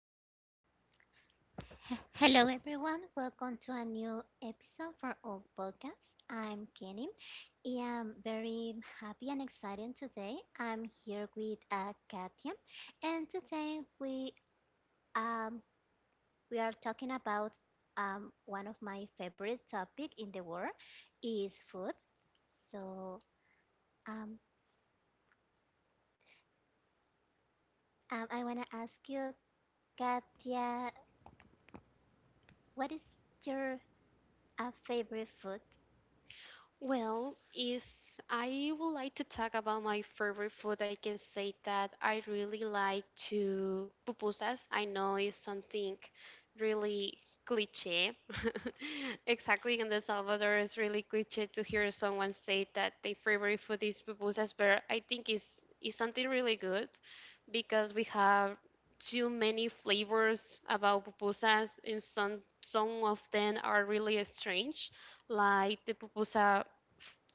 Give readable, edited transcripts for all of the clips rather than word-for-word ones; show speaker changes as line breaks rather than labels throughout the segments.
Um, Hello, everyone. Welcome to a new episode for Old Podcast. I'm Kenny. I am very happy and excited today. I'm here with Katia, and today um, we are talking about one of my favorite topic in the world is food. So um, I want to ask you, Katia, what is your favorite food?
Well, is I would like to talk about my favorite food. I can say that I really like to pupusas. I know it's something really cliche. Exactly, in the Salvador, it's really cliche to hear someone say that their favorite food is pupusas, but I think it's something really good because we have too many flavors about pupusas, and some of them are really strange, like the pupusa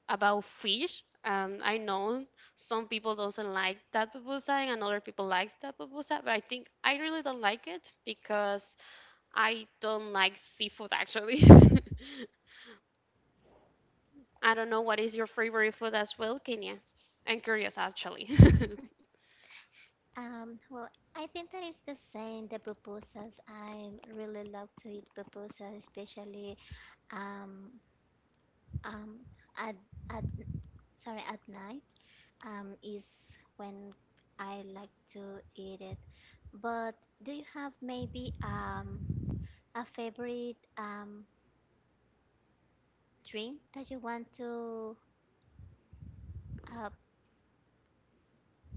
about fish. And I know some people doesn't like that pupusa and other people likes that pupusa, but I think I really don't like it because I don't like seafood actually. I don't know what is your favorite food as well, Kenya. I'm curious actually.
Well, I think that is the same, the pupusas. I really love to eat pupusas, especially um, um, at, at, sorry, at night is when I like to eat it. But do you have maybe a favorite drink that you want to, uh,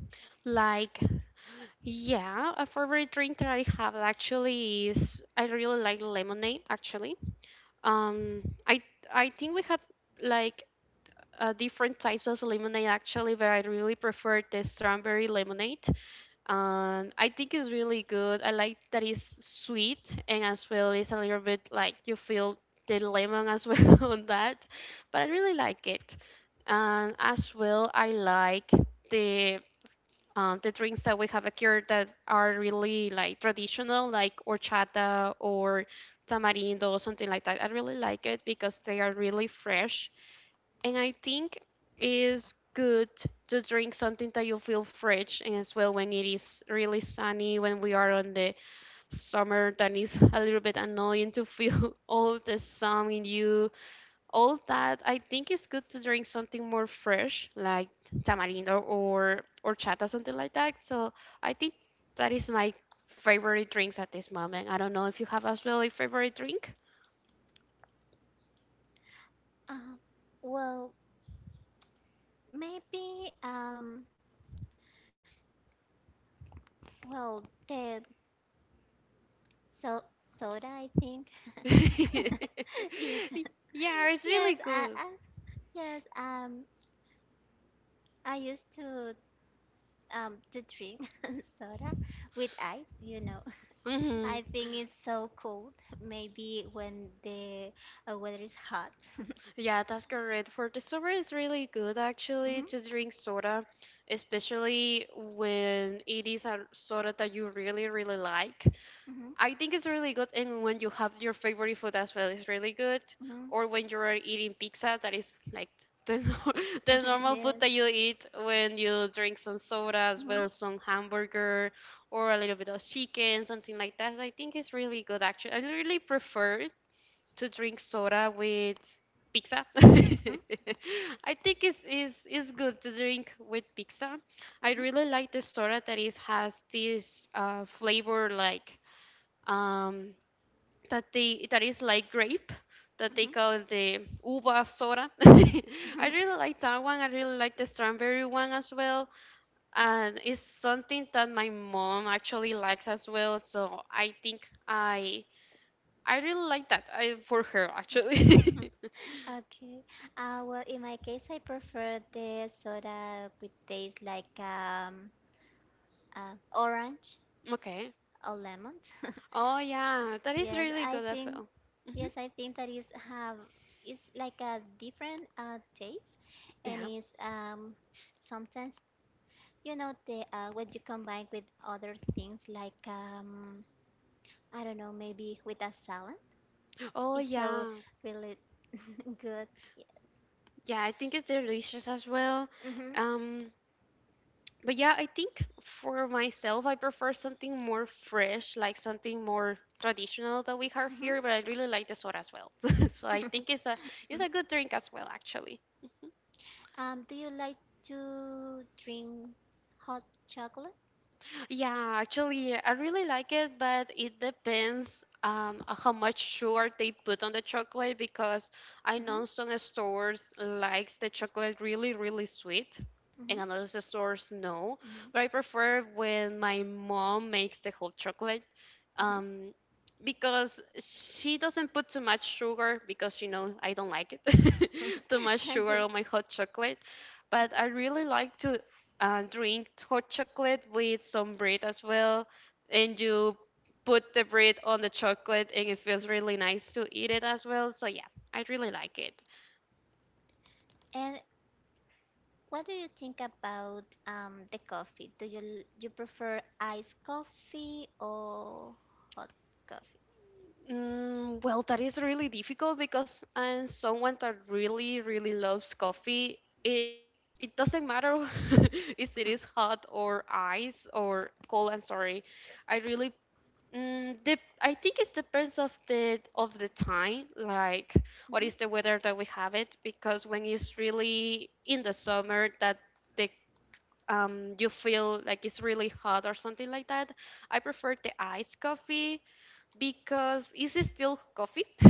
Like, yeah, a favorite drink that I have actually is, I really like lemonade actually. um i I think we have like different types of lemonade actually, but I really prefer the strawberry lemonade. And I think it's really good. I like that it's sweet and as well it's a little bit like you feel the lemon as well on that, but I really like it. And as well, I like the the drinks that we have here that are really like traditional, like horchata or tamarindo or something like that. I really like it because they are really fresh, and I think it's good to drink something that you feel fresh, and as well when it is really sunny, when we are on the summer, that is a little bit annoying to feel all the sun in you. All that, I think it's good to drink something more fresh, like tamarindo or chata, something like that. So I think that is my favorite drinks at this moment. I don't know if you have as well a favorite drink.
uh, well, maybe, well, the so soda, I think.
Yeah,
Yeah.
it's really
Yes,
good.
I yes, I used to drink soda with ice.
Hmm.
I think it's so cold. Maybe when the weather is hot.
Yeah, that's correct. For the summer, it's really good actually
Hmm,
to drink soda, especially when it is a soda that you really, really like.
hmm, hmm.
I think it's really good, and when you have your favorite food as well, it's really good. Or when you're eating pizza, that is like the, the normal food
Yes.
that you eat, when you drink some soda as
Hmm.
well, some hamburger or a little bit of chicken, something like that. I think it's really good actually. I really prefer to drink soda with pizza. I think it's good to drink with pizza. I
Mhm.
really like the soda that is has this flavor like um, that they that is like grape, that they
Mhm.
call the uva soda. I really like that one. I really like the strawberry one as well. And it's something that my mom actually likes as well. So I think I really like that I, for her actually.
Okay. Well, in my case, I prefer the soda with taste like orange
Okay.
or lemon.
Oh yeah, that is
Yes,
really
I
good as
think.
well. Hmm.
Yes, I think that is have is like a different taste, and
Yeah.
is sometimes the what you combine with other things like, I don't know, maybe with a salad
Oh
is so
yeah.
really good.
Yeah, I think it's delicious as well.
Mm-hmm,
Um, but yeah, I think for myself, I prefer something more fresh, like something more traditional that we have
mm-hmm.
here. But I really like the soda as well. So I think it's a good drink as well, actually.
Do you like to drink hot chocolate?
Yeah, actually, I really like it, but it depends on how much sugar they put on the chocolate, because I
Mm-hmm,
know some stores likes the chocolate really, really sweet,
mm-hmm,
and another stores no.
mm-hmm,
But I prefer when my mom makes the whole chocolate, um, because she doesn't put too much sugar, because you know I don't like it, too much
mm-hmm.
sugar
Okay.
on my hot chocolate. But I really like to drink hot chocolate with some bread as well, and you put the bread on the chocolate, and it feels really nice to eat it as well. So yeah, I really like it.
And what do you think about the coffee? Do you prefer iced coffee or hot coffee?
Mm, well, that is really difficult because I'm someone that really, really loves coffee. It doesn't matter if it
Mhm,
is hot or ice or cold. I'm sorry. I really Mm, I think it depends of the time, like what
mhm,
is the weather that we have it. Because when it's really in the summer, that the you feel like it's really hot or something like that. I prefer the iced coffee because is it still coffee?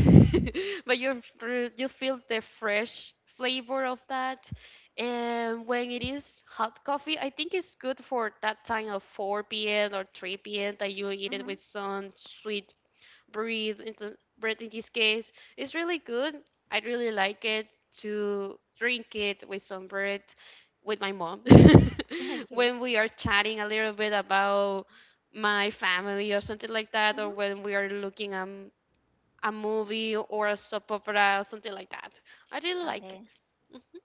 But you you feel the fresh flavor of that. And when it is hot coffee, I think it's good for that time of 4 p.m. or 3 p.m. that you eat it
mhm.
with some sweet breathe into bread, in this case. It's really good. I really like it to drink it with some bread with my mom
Okay.
when we are chatting a little bit about my family or something like that, or
Mhm.
when we are looking at a movie or a soap opera or something like that. I really like it.
Okay.
Mm,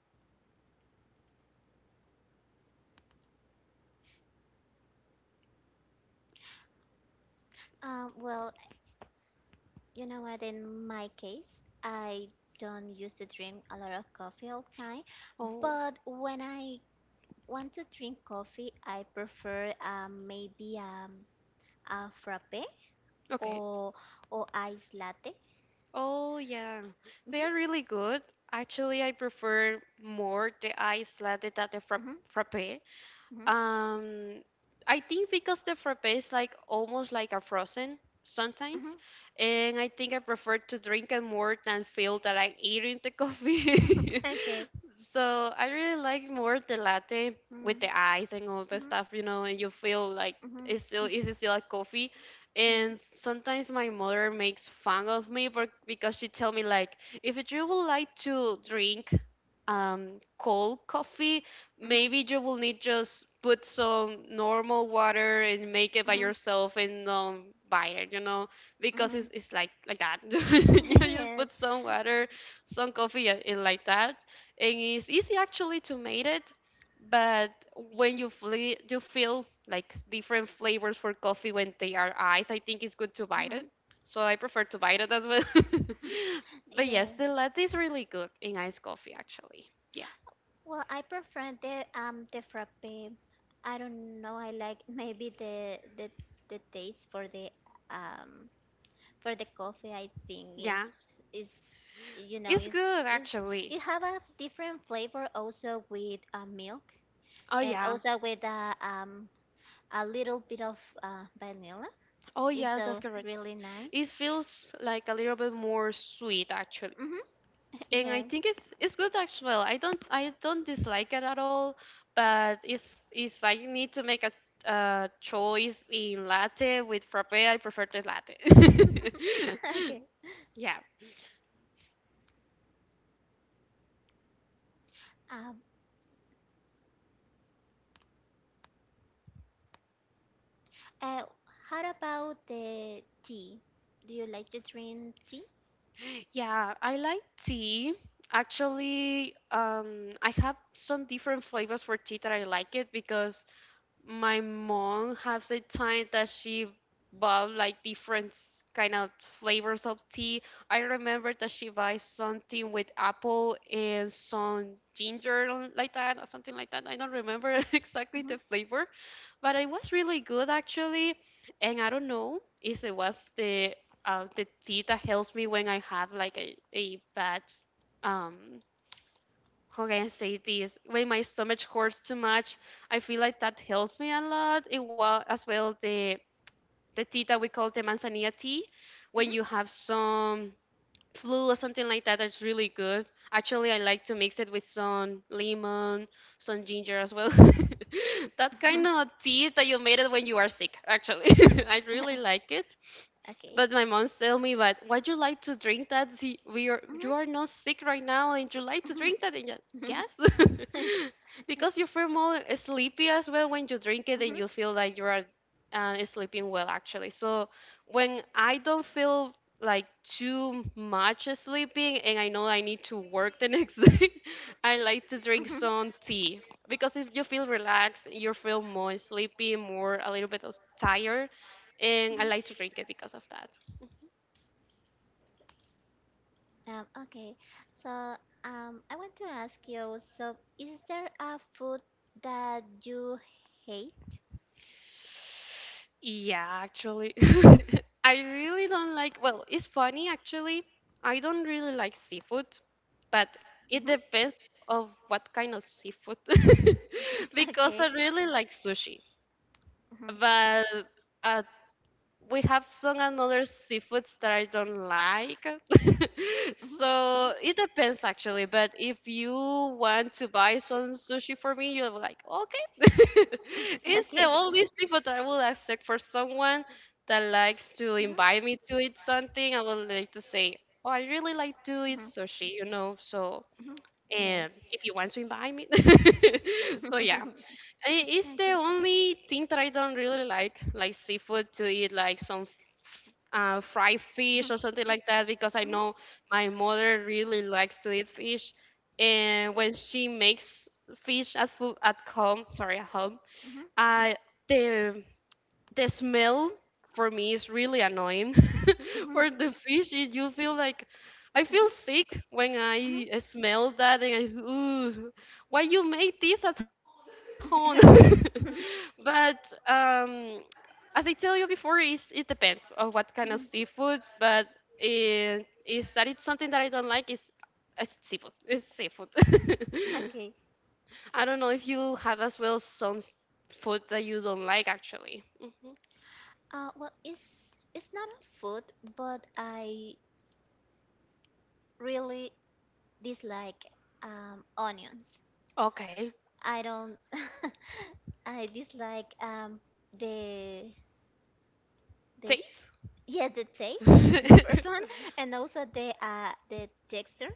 Well, you know what? In my case, I don't used to drink a lot of coffee all time,
oh
but when I want to drink coffee, I prefer maybe a frappe
okay.
or or ice latte.
Oh yeah, they
Mhm,
are really good actually. I prefer more the ice latte than the
mhm,
frappe.
mhm,
Um, I think because the frappe is like almost like a frozen
mhm.
sometimes, and I think I prefer to drink it more than feel that I'm eating the coffee.
Okay.
So I really like more the latte
Mm.
with the ice and all the
Mhm. Mhm.
stuff, you know, and you feel like
Mhm. Mhm.
it's still a coffee.
Mhm.
And sometimes my mother makes fun of me, but because she tell me like, if you would like to drink cold coffee,
Mhm.
maybe you will need just put some normal water and make it by yourself and buy it, you know, because
Mhm.
it's like that. You just
Yes.
put some water, some coffee, and like that, and it's easy actually to make it. But when you you feel like different flavors for coffee when they are ice, I think it's good to buy
Mhm.
it. So I prefer to buy it as well. But yes,
Yes.
the latte is really good in iced coffee, actually. Yeah.
Well, I prefer the frappe. I don't know. I like maybe the taste for um the coffee. I think is
Yeah.
is you know
It's
is
good,
is
actually.
it have a different flavor also with milk
Oh,
and
yeah.
also with a little bit of vanilla.
Oh,
It's
yes, that's
so
correct.
really nice.
It feels like a little bit more sweet, actually.
Hmm.
And I
Yes.
think it's good as well. I don't dislike it at all, but it's I need to make a choice in latte with frappe. I prefer the latte.
Okay.
Yeah.
Um. Uh, how about the tea? Do you like to drink tea?
Yeah, I like tea. Actually, I have some different flavors for tea that I like it, because my mom has a time that she bought like different kind of flavors of tea. I remember that she buys something with apple and some ginger like that or something like that. I don't remember exactly the
Mhm.
flavor, but it was really good actually. And I don't know if it was the tea that helps me when I have like a bad um how can I say this? When my stomach hurts too much, I feel like that helps me a lot. It was as well the tea that we call the manzanilla tea, when
Mhm.
you have some flu or something like that, that's really good. Actually, I like to mix it with some lemon, some ginger as well. That kind of tea that you made it when you are sick, actually. I really like it.
Okay.
But my mom tell me, but why you like to drink that? See, we are you
Mhm.
are not sick right now, and you like to drink that. And yeah, yes, because you feel more sleepy as well when you drink it, and you
Mhm.
feel like you are sleeping well actually. So when I don't feel like too much sleeping and I know I need to work the next day,
Mhm. Mhm.
I like to drink some tea, because if you feel relaxed, you feel more sleepy, more a little bit of tired, and I like to drink it because of that.
Okay, so, I want to ask you, so is there a food that you hate?
Yeah, actually, I really don't like. Well, it's funny actually. I don't really like seafood, but
Hmm.
it depends of what kind of seafood
Okay.
because I really like sushi.
Hmm, hmm.
But uh, we have some another seafoods that I don't like. So it depends actually. But if you want to buy some sushi for me, you're like, okay, it's
Okay.
the only seafood that I will accept for someone that likes to invite me to eat something. I would like to say, oh, I really
Mhm.
like to eat sushi, you know.
Mhm.
So
Mhm. Yes.
and if you want to invite me, so yeah. I-
Okay.
It's
Mhm.
the only thing that I don't really like seafood to eat, like some fried
Mhm.
fish or something like that, because I know my mother really likes to eat fish, and when she makes fish at food at home, sorry, at home,
Mhm.
uh, the the smell for me is really annoying
Mhm.
for the fish it, you feel like i
Mhm.
feel sick when
Mhm.
I smell that and I ooh, why you make this at home?
Okay.
But um as I tell you before, it depends on what
Mhm.
kind of seafood, but eh, is that it's something that I don't like is it's seafood, it's seafood.
Okay.
I don't know if you have as well some food that you don't like actually. Mm-hmm.
Well, it's not a food, but I really dislike onions.
Okay.
I don't. I dislike the the
Taste?
yeah, the taste, the first one, and also the texture.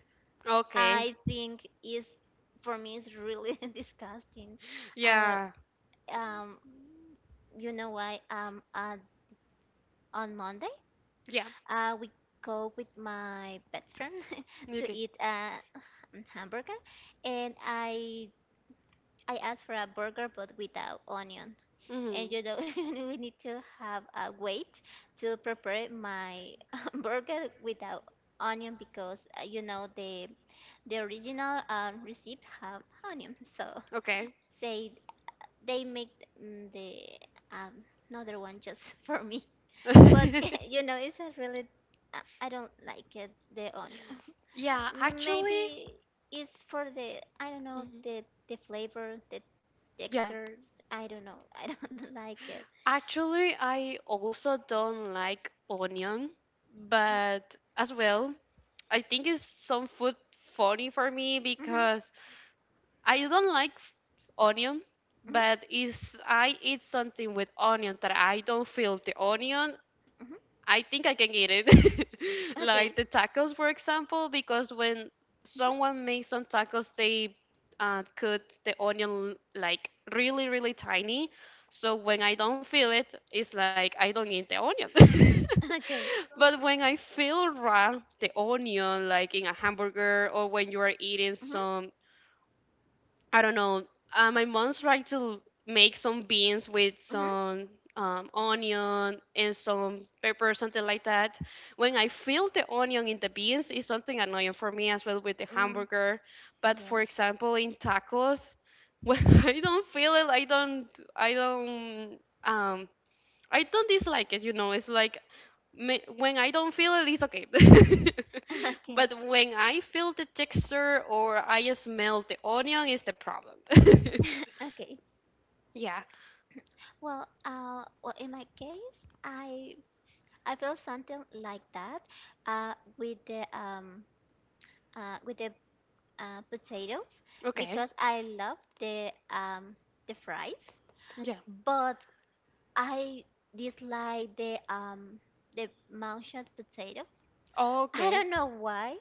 Okay.
I think is for me is really disgusting. I
Yeah.
Um, you know why? On Monday,
Yeah.
we go with my best friend to
Okay.
eat a hamburger, and I asked for a burger but without onion. And
Mhm.
you know, we need to have a wait to prepare my burger without onion because the original receipt have onion. So
Okay.
say they make the um, another one just for me. But, you know, it's a really I don't like it the onion.
Yeah, actually,
Maybe it's for the I don't know,
mhm.
the flavor, the
yeah.
textures. I don't know. I don't like it.
Actually, I also don't like onion, but as well, I think it's some food funny for me
Mhm.
because I don't like onion,
Mhm.
but if I eat something with onion that I don't feel the onion,
Mhm.
I think I can eat it. Like
Okay. Mhm.
the tacos, for example, because when someone makes some tacos, they cut the onion like really, really tiny. So when I don't feel it, it's like I don't eat the onion.
Okay.
But when I feel raw, the onion, like in a hamburger or when you are eating
Mhm.
some I don't know. My mom tried to make some beans with
Mhm.
some onion and some pepper, something like that. When I feel the onion in the beans, it's something annoying for me as well with the
Mm.
hamburger. But for
Yes.
example, in tacos, when I don't feel it, I don't um, I don't dislike it. It's like when I don't feel it, it's okay.
Okay.
But when I feel the texture or I smell the onion, is the problem.
Okay.
Yeah.
Well, Well, in my case, I feel something like that, with the potatoes
Okay.
because I love the fries,
Yeah.
but I dislike the mashed potatoes. I
Okay.
don't know why.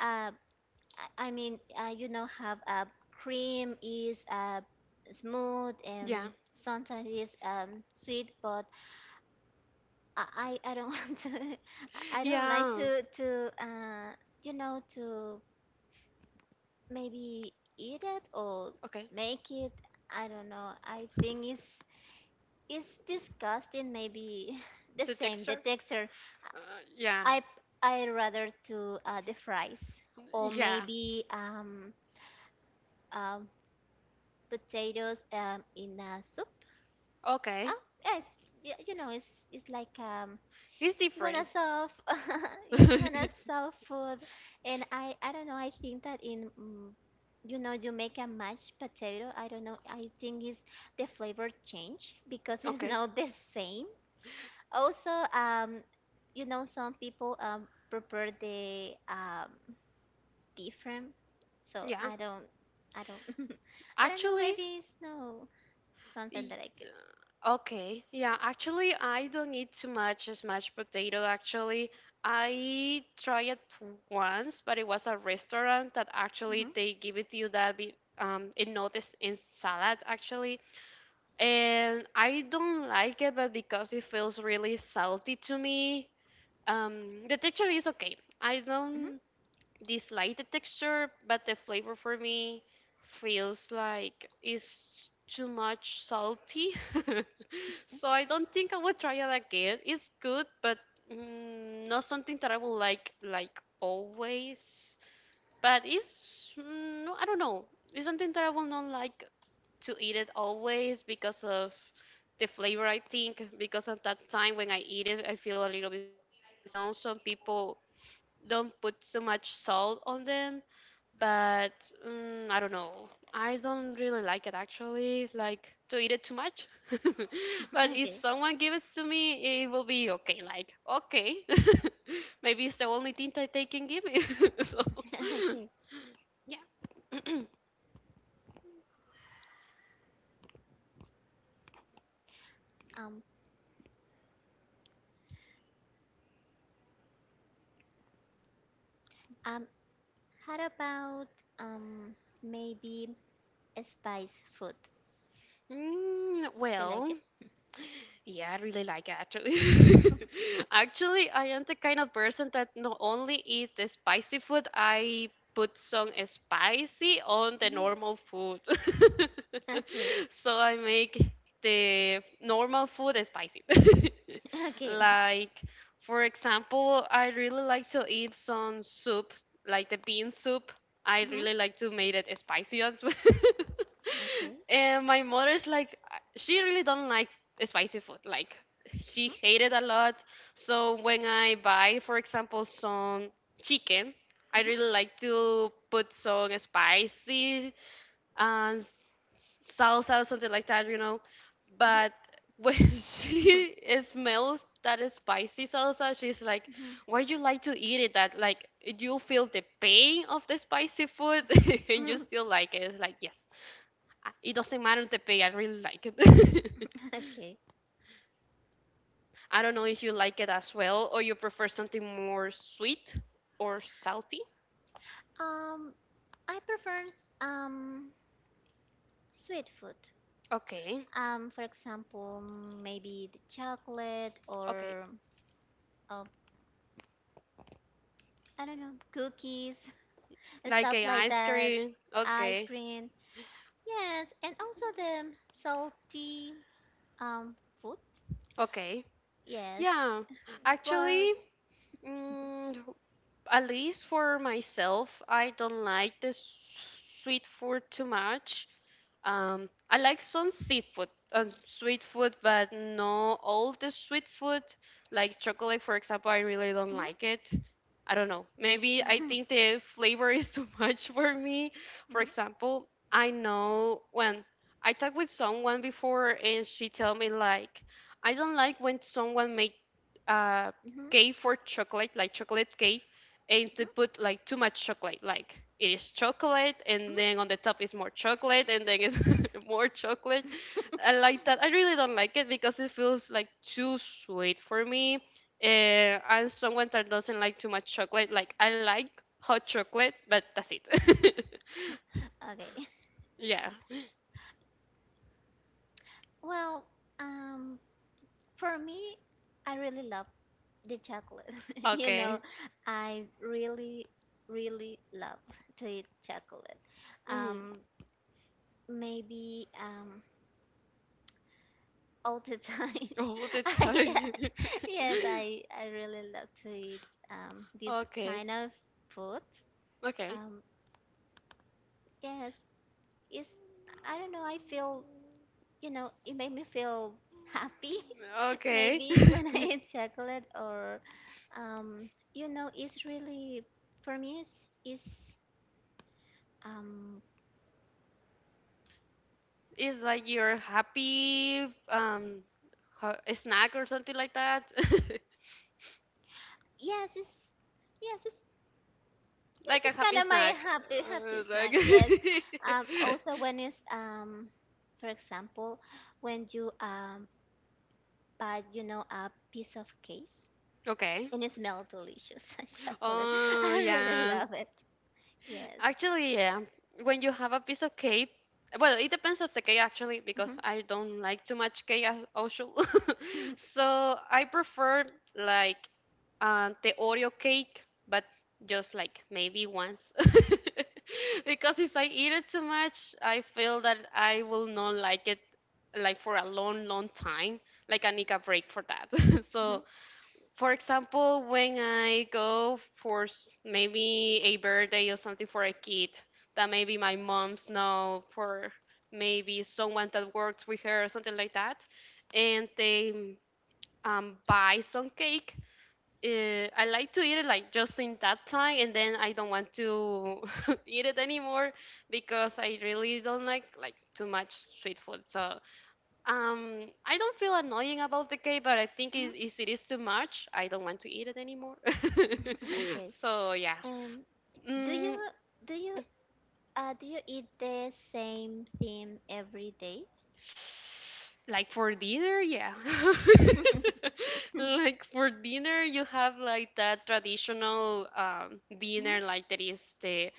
Uh, I mean, have cream is smooth
Yeah.
and sometimes is sweet, but I don't want to. I don't like
Yeah.
to you know to Maybe eat it or
Okay.
make it. I don't know. I think it's disgusting. Maybe the
The
same. The
texture.
texture.
Uh, yeah.
I I rather to the fries or
Yeah.
maybe um potatoes in a soup.
Okay.
Oh yes, it's like
It's
when I
different.
saw yes, when I
Okay.
saw food and I don't know, I think that in you make a mashed potato. I don't know, I think is the flavor change because it's not the same, also, some people prepare the different, so
Yeah.
I don't I don't know,
Actually,
maybe it's no something
Y-
that I could.
uh, okay, yeah, actually, I don't eat too much mashed potato. Actually, I tried it once, but it was a restaurant that actually
Hmm,
they give it to you that it noticed in salad actually, and I don't like it, but because it feels really salty to me, the texture is okay. I
hmm.
don't this lighter texture, but the flavor for me feels like it's too much salty. So I don't think I would try it again. It's good, but not something that I will like always. But it's no, I don't know. It's something that I will not like to eat it always because of the flavor. I think because at that time when I eat it, I feel a little bit salty. I know some people don't put so much salt on them but I don't know. I don't really like it actually, like to eat it too much. But if
Okay.
someone gives it to me, it will be okay. Like okay, maybe it's the only thing that they can give me. So
Okay.
yeah.
Um, um, how about um maybe a spice food? Do you like
Well.
it?
Yeah, I really like it actually. Actually, I am the kind of person that not only eat the spicy food, I put some spicy on the
Hmm.
normal food.
Okay.
So I make the normal food spicy.
Okay.
Like, for example, I really like to eat some soup, like the bean soup. I
Hmm.
really like to make it spicy as well.
Okay.
And my mother's like, she really don't like spicy food. Like, she hated
Hmm,
a lot. So when I buy, for example, some chicken, I really
hmm.
like to put some spicy and salsa, something like that, you know.
Mhm.
But when
Mhm.
she smells that spicy salsa, she's like,
Mhm.
"Why you like to eat it? That like you feel the pain of the spicy food, and you
Mhm.
still like it." It's like, yes, it doesn't matter the pain. I really like it.
Okay.
I don't know if you like it as well, or you prefer something more sweet or salty.
Um, I prefer um sweet food.
Okay,
For example, maybe the chocolate
okay,
or, uh, I don't know, cookies, and
like
stuff
a
like
ice
that,
cream.
ice
Okay,
cream. Yes, and also the salty food.
okay,
Yes,
yeah.
but.
Actually. Mm, at least for myself, I don't like the sweet food too much. I like some seafood, sweet food, but not all the sweet food. Like chocolate, for example, I really don't
Mhm.
like it. I don't know. Maybe I
Mhm.
think the flavor is too much for me. For
Mhm.
example, I know when I talked with someone before and she told me like, I don't like when someone make uh,
Mhm.
cake for chocolate, like chocolate cake and to put like too much chocolate. Like it is chocolate, and
Mhm.
then on the top is more chocolate, and then it's more chocolate. I like that. I really don't like it because it feels like too sweet for me. I'm someone that doesn't like too much chocolate. Like I like hot chocolate, but that's it.
Okay.
Yeah.
Well, um, for me, I really love the chocolate. You know,
Okay.
I really, really love to eat chocolate.
Mm.
Um, Maybe all the time.
All the
I,
time.
yes, I really love to eat this
Okay.
kind of food.
Okay.
Um, yes, it's, I don't know, I feel, it made me feel happy.
Okay.
Maybe when I eat chocolate or, it's really, for me, it's um,
It's like your happy snack or something like that.
yes, yes, it's Yes,
Like a
it's kind
happy
of my
snack.
happy
Like
snack. Yes. Also when it's for example, when you buy, a piece of cake
okay.
and it smells delicious, chocolate.
Oh
I really
yeah.
love it. Yes.
Actually, yeah. When you have a piece of cake, well, it depends of the cake actually, because
Hmm,
I don't like too much cake as usual. So I prefer like the Oreo cake, but just like maybe once. Because if I eat it too much, I feel that I will not like it like for a long, long time, like I need a break for that.
hmm,
So for example, when I go for maybe a birthday or something for a kid that maybe my mom's know for maybe someone that works with her or something like that, and they buy some cake. I like to eat it like just in that time, and then I don't want to eat it anymore because I really don't like too much sweet food. So I don't feel annoying about the cake, but I think
hmm.
is if it is too much, I don't want to eat it anymore.
Okay.
So yeah.
Um, do you
Mm,
do you do you eat the same thing every day?
like for dinner, yeah. Like for dinner, you have like that traditional dinner, like there is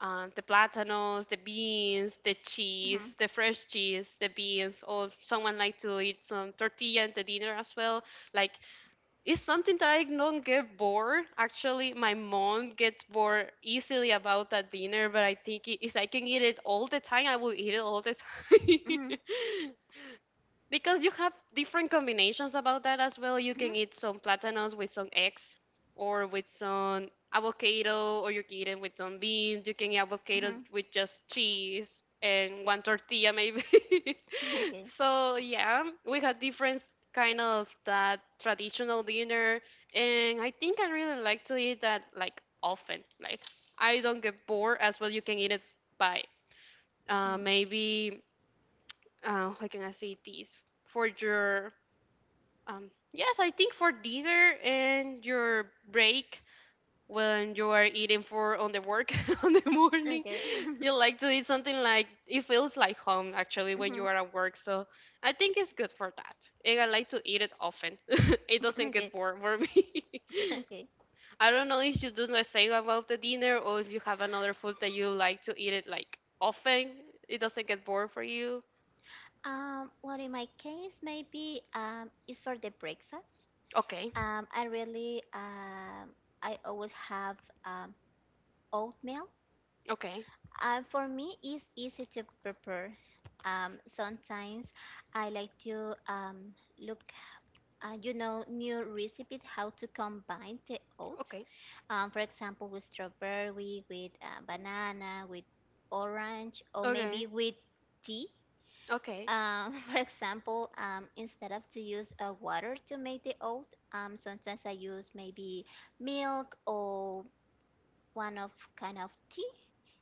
the platanos, the beans, the cheese,
Mhm,
the fresh cheese, the beans, or someone like to eat some tortilla at the dinner as well. Like it's something that I don't get bored. Actually, my mom gets bored easily about that dinner, but I think if I can eat it all the time, I will eat it all the
mhm, mhm,
time. Because you have different combinations about that as well. You can eat some platanos with some eggs or with some avocado, or you can eat it with some beans. You can eat
mhm,
avocado
mhm.
with just cheese and one tortilla, maybe. So yeah, we had different kind of that traditional dinner, and I think I really like to eat that like often. Like I don't get bored as well. You can eat it by maybe how can I say this for your yes I think for dinner and your break when you are eating for on the work on the morning
Okay. Mm. Okay.
you like to eat something like it feels like home actually when you
Mhm.
are at work, so I think it's good for that and I like to eat it often. It doesn't
Okay.
get bored for me.
Okay.
I don't know if you do the same about the dinner or if you have another food that you like to eat it like often, it doesn't get bored for you.
Well, in my case, maybe, it's for the breakfast.
Okay,
Um, I really, um, I always have um, oatmeal.
okay,
For me, it's easy to prepare. Sometimes I like to, look, new recipes how to combine the oat.
okay,
For example, with strawberry, with banana, with orange, or maybe
okay,
with tea.
okay,
For example, instead of to use water to make the oat, sometimes I use maybe milk or one of kind of tea.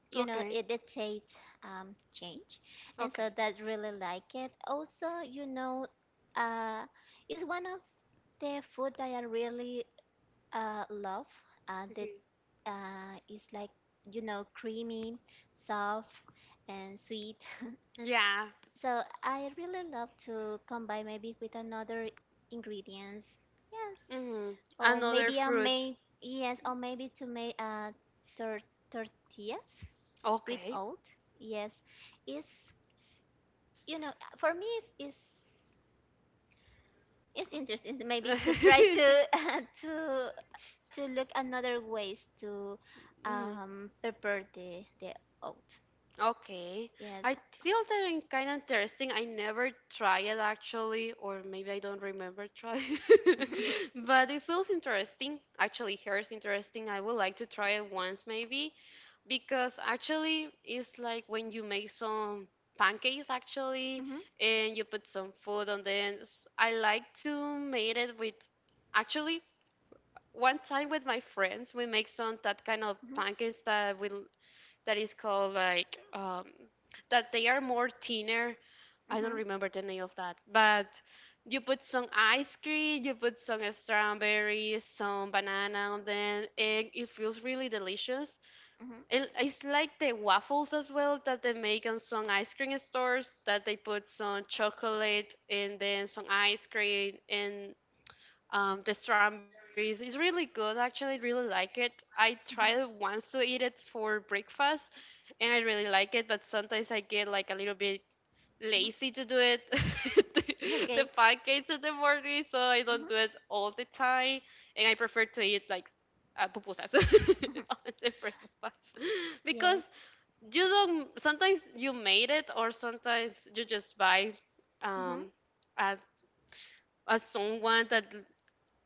You know,
okay,
it the taste change, and so
okay.
that really like it. Also, you know, uh, it's one of the food that I really love. That,
Mhm.
is like, you know, creamy, soft, and sweet.
Yeah.
So I really love to combine maybe with another ingredients. Yes.
Hmm,
Or
another
maybe I
fruit.
may yes, or maybe to make tor tortillas with
Okay.
oat. Yes. It's, you know, for me it's interesting maybe to try to to to look another ways to
Mhm.
prepare the oat.
Okay.
Yes.
I feel that it's kind of interesting. I never try it actually, or maybe I don't remember try. But it feels interesting. Actually, hair is interesting. I would like to try it once maybe because actually it's like when you make some pancakes actually
Mhm.
and you put some food on the ends. I like to make it with actually one time with my friends we make some that kind of
Mhm.
pancakes that will that is called like that they are more thinner, I
Mhm.
don't
Mhm.
remember the name of that, but you put some ice cream, you put some strawberries, some banana on them, and it feels really delicious.
Mhm.
It's like the waffles as well that they make on some ice cream stores that they put some chocolate and then some ice cream and the strawberries. It's really good, actually. I really like it. I
Mhm.
tried once to eat it for breakfast, and I really like it. But sometimes I get like a little bit lazy to do it, the, the
Okay.
pancakes in the morning, so I don't
Mhm.
do it all the time. And I prefer to eat like pupusas
Mhm.
on the breakfast because
Yes.
you don't. Sometimes you made it, or sometimes you just buy
Mhm.
um, a as someone that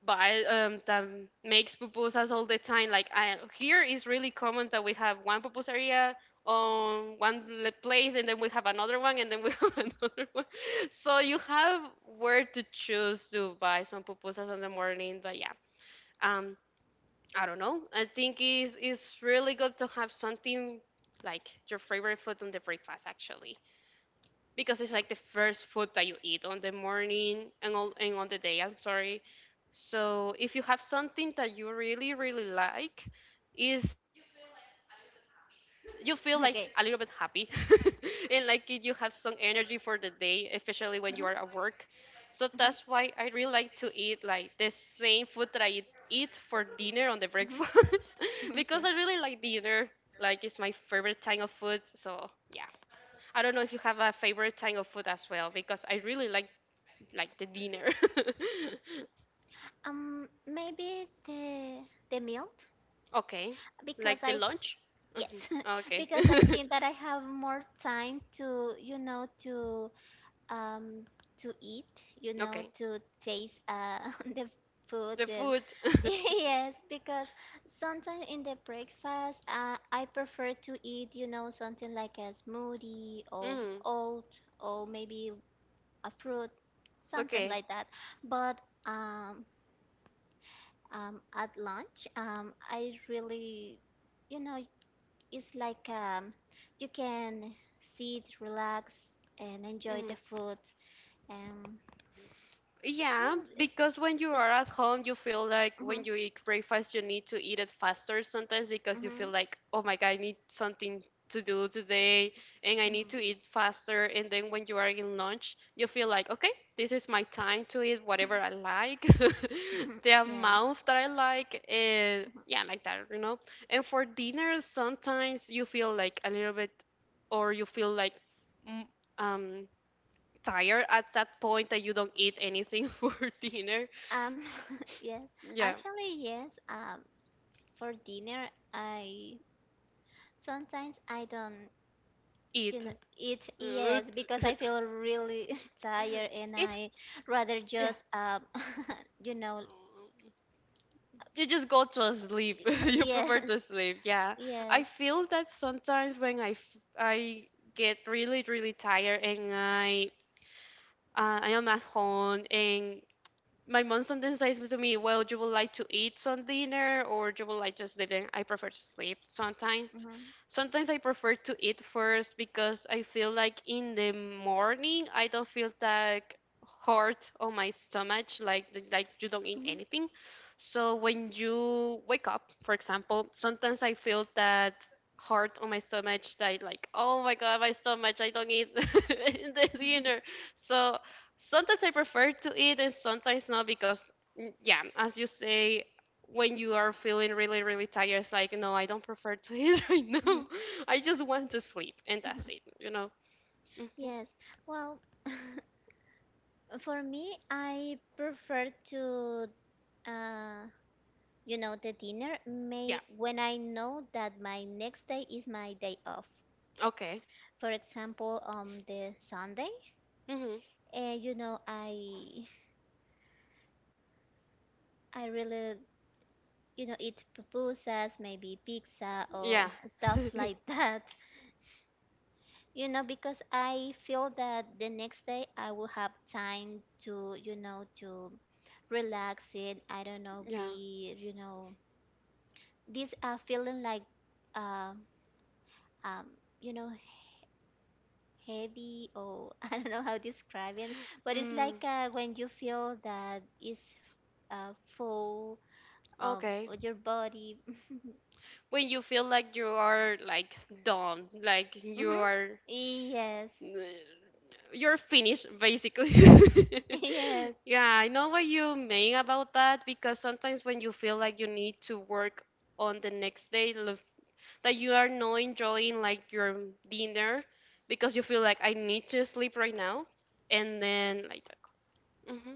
but I that makes pupusas all the time. Like I, here is really common that we have one pupusaria on one place, and then we have another one, and then we have another one. So you have where to choose to buy some pupusas in the morning. But yeah, um, I don't know. I think is it's really good to have something like your favorite food on the breakfast actually, because it's like the first food that you eat on the morning and on the day, I'm sorry. So if you have something that you really like, is you feel like a little bit happy and
Okay.
like you have some energy for the day, especially when you are at work. So that's
Hmm,
why I really like to
hmm,
eat like the same food that I eat for dinner on the breakfast
hmm.
because I really like
Okay.
dinner, like it's my favorite type of food. So yeah. I don't know if you have a favorite type of food as well, because I really like the dinner.
Maybe the milk
Okay, like
because
the
I
lunch. Hmm.
yes,
Okay,
because I think that I have more time to, um to eat,
okay,
to taste, the food
the
that
food.
yes, because sometimes in the breakfast, I prefer to eat, something like a smoothie or
Hmm.
oat or maybe a fruit, something
Okay.
like that, but, um at lunch, I really, you know it's like, you can sit, relax and enjoy
Mhm.
the food. um,
Yeah,
Yes, it's
because when you
it.
are at home, you feel like when
Hmm,
you eat breakfast, you need to eat it faster sometimes, because you feel
hmm,
like, oh my God, I need something to do today and I need
hmm.
to eat faster. And then when you are in lunch, you feel like, okay, this is my time to eat whatever I like, the
Yes.
amount that I like. And
Mhm.
yeah, like that, you know. And for dinner, sometimes you feel like a little bit, or you feel like, mm, um, tired at that point, that you don't eat anything for dinner.
Um, yes,
Yeah,
actually, yes. For dinner, I sometimes I don't,
eat.
you know, eat.
Uh,
Yes, because
t-
I feel really tired, and
Eat.
I rather
Yeah.
just, you know,
You just go to sleep. You
yes,
prefer to sleep. Yeah.
yes.
I feel that sometimes when I get really tired and I am at home and my mom sometimes says to me, "Well, you would like to eat some dinner, or you would like to sleep." Then I prefer to sleep sometimes.
Hmm,
Sometimes I prefer to eat first because I feel like in the morning I don't feel that hurt on my stomach, like you don't eat
hmm,
anything. So when you wake up, for example, sometimes I feel that hurt on my stomach that like, oh my god, my stomach, I don't eat the
hmm,
dinner. So sometimes I prefer to eat and sometimes not, because yeah, as you say, when you are feeling really tired, it's like, no, I don't prefer to eat right
hmm.
now. I just want to sleep and that's it. You know. Hmm.
Yes. Well, for me, I prefer to, uh, the dinner may
Yeah.
when I know that my next day is my day off.
Okay.
For example, on the Sunday.
Hmm.
And, you know, I really eat pupusas, maybe pizza or
Yeah.
stuff like that. You know, because I feel that the next day I will have time to, to relax it. I don't know,
Yeah.
be, these are feeling like, uh, um you know heavy or I don't know how to describe it, but it's like,
Mm,
when you feel that it's full of
okay.
your body.
When you feel like you are like done, like
Mm-hmm. Yes.
you're finished basically.
Yes.
Yeah, I know what you mean about that, because sometimes when you feel like you need to work on the next day, look, that you are not enjoying like your dinner, because you feel like, I need to sleep right now, and then like that. Hmm.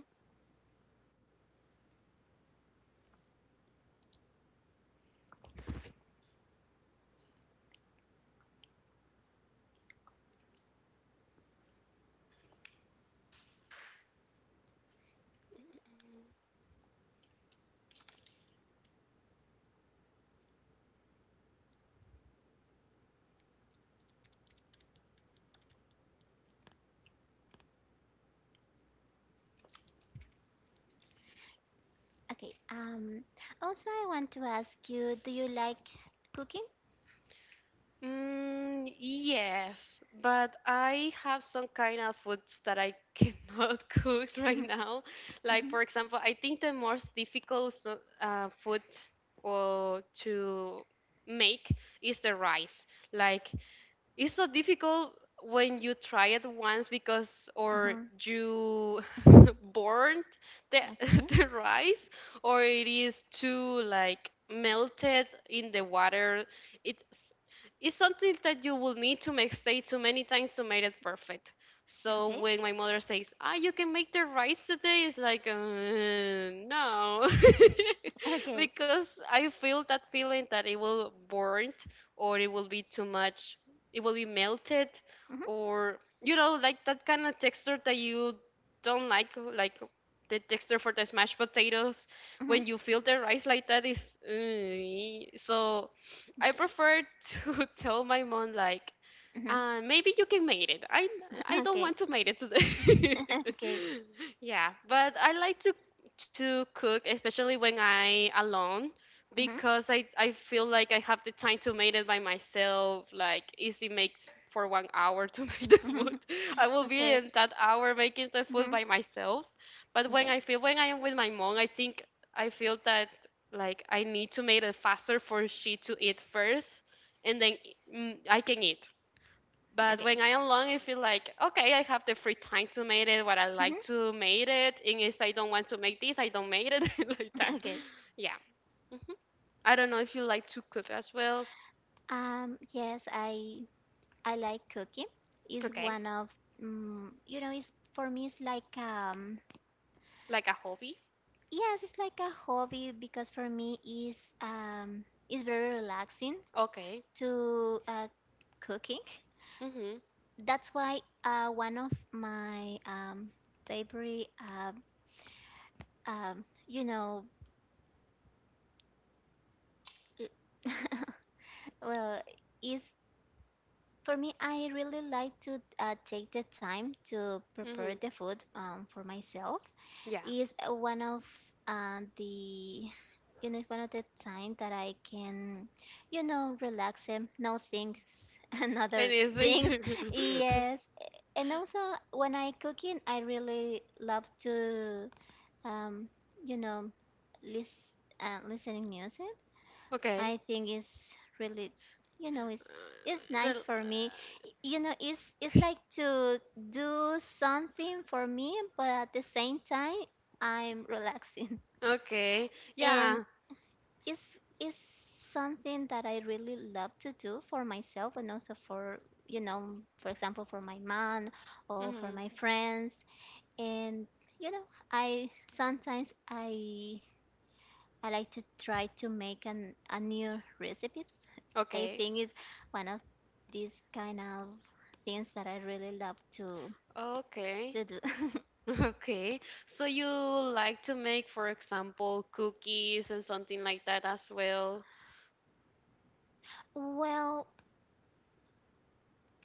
Okay. Also, I want to ask you, do you like cooking?
Mm, yes, but I have some kind of foods that I cannot cook
Mm-hmm.
right now. Like,
Mm-hmm.
for example, I think the most difficult food or to make is the rice. Like, it's so difficult when you try it once, because or
Mm-hmm.
you
Mhm.
burnt the
Okay.
the rice, or it is too like melted in the water. it's it's something that you will need to make say too many times to make it perfect. So
Okay.
when my mother says, ah, you can make the rice today, it's like, no,
Okay.
because I feel that feeling that it will burnt or it will be too much, it will be melted,
Mm-hmm.
or you know, like that kind of texture that you don't like the texture for the smashed potatoes
Mm-hmm.
when you filter rice, like that is uh. So I
Okay.
prefer to tell my mom like,
Hmm.
maybe you can make it. I don't
Okay.
want to make it today.
Okay.
Yeah, but I like to cook, especially when I alone,
Hmm,
because I feel like I have the time to make it by myself. Like easy makes for 1 hour to make the
hmm.
food. I will be
Okay.
in that hour making the food
Hmm.
by myself. But when
Okay.
I feel when I am with my mom, I think I feel that like I need to make it faster for she to eat first, and then I can eat. But
Okay.
when I am alone, I feel like, okay, I have the free time to make it what I like
Hmm.
to make it. And if I don't want to make this, I don't make it like that.
Okay.
Yeah. Hmm. I don't know if you like to cook as well.
Yes, I like cooking. It's
Okay.
one of mm it's for me it's like,
Like a hobby.
yes, it's like a hobby because for me is very relaxing
Okay.
to cooking.
Mhm.
That's why one of my favorite um you know well is, for me, I really like to take the time to prepare
Mhm.
the food, for myself.
Yeah.
Is one of the one of the time that I can relax and no things and other
Anything.
things. Yes, and also when I cooking, I really love to, um, you know list listening music.
Okay.
I think it's really, you know, it's it's
Uh,
nice
rel-
for me. You know, it's like to do something for me, but at the same time, I'm relaxing,
okay.
and
Yeah.
it's it's something that I really love to do for myself and also for, you know, for example, for my man or for
Mhm.
my friends, and I sometimes I like to try to make an a new recipes. I
Okay.
think it's one of these kind of things that I really love to
Okay.
do.
Okay, so you like to make, for example, cookies and something like that as well?
well,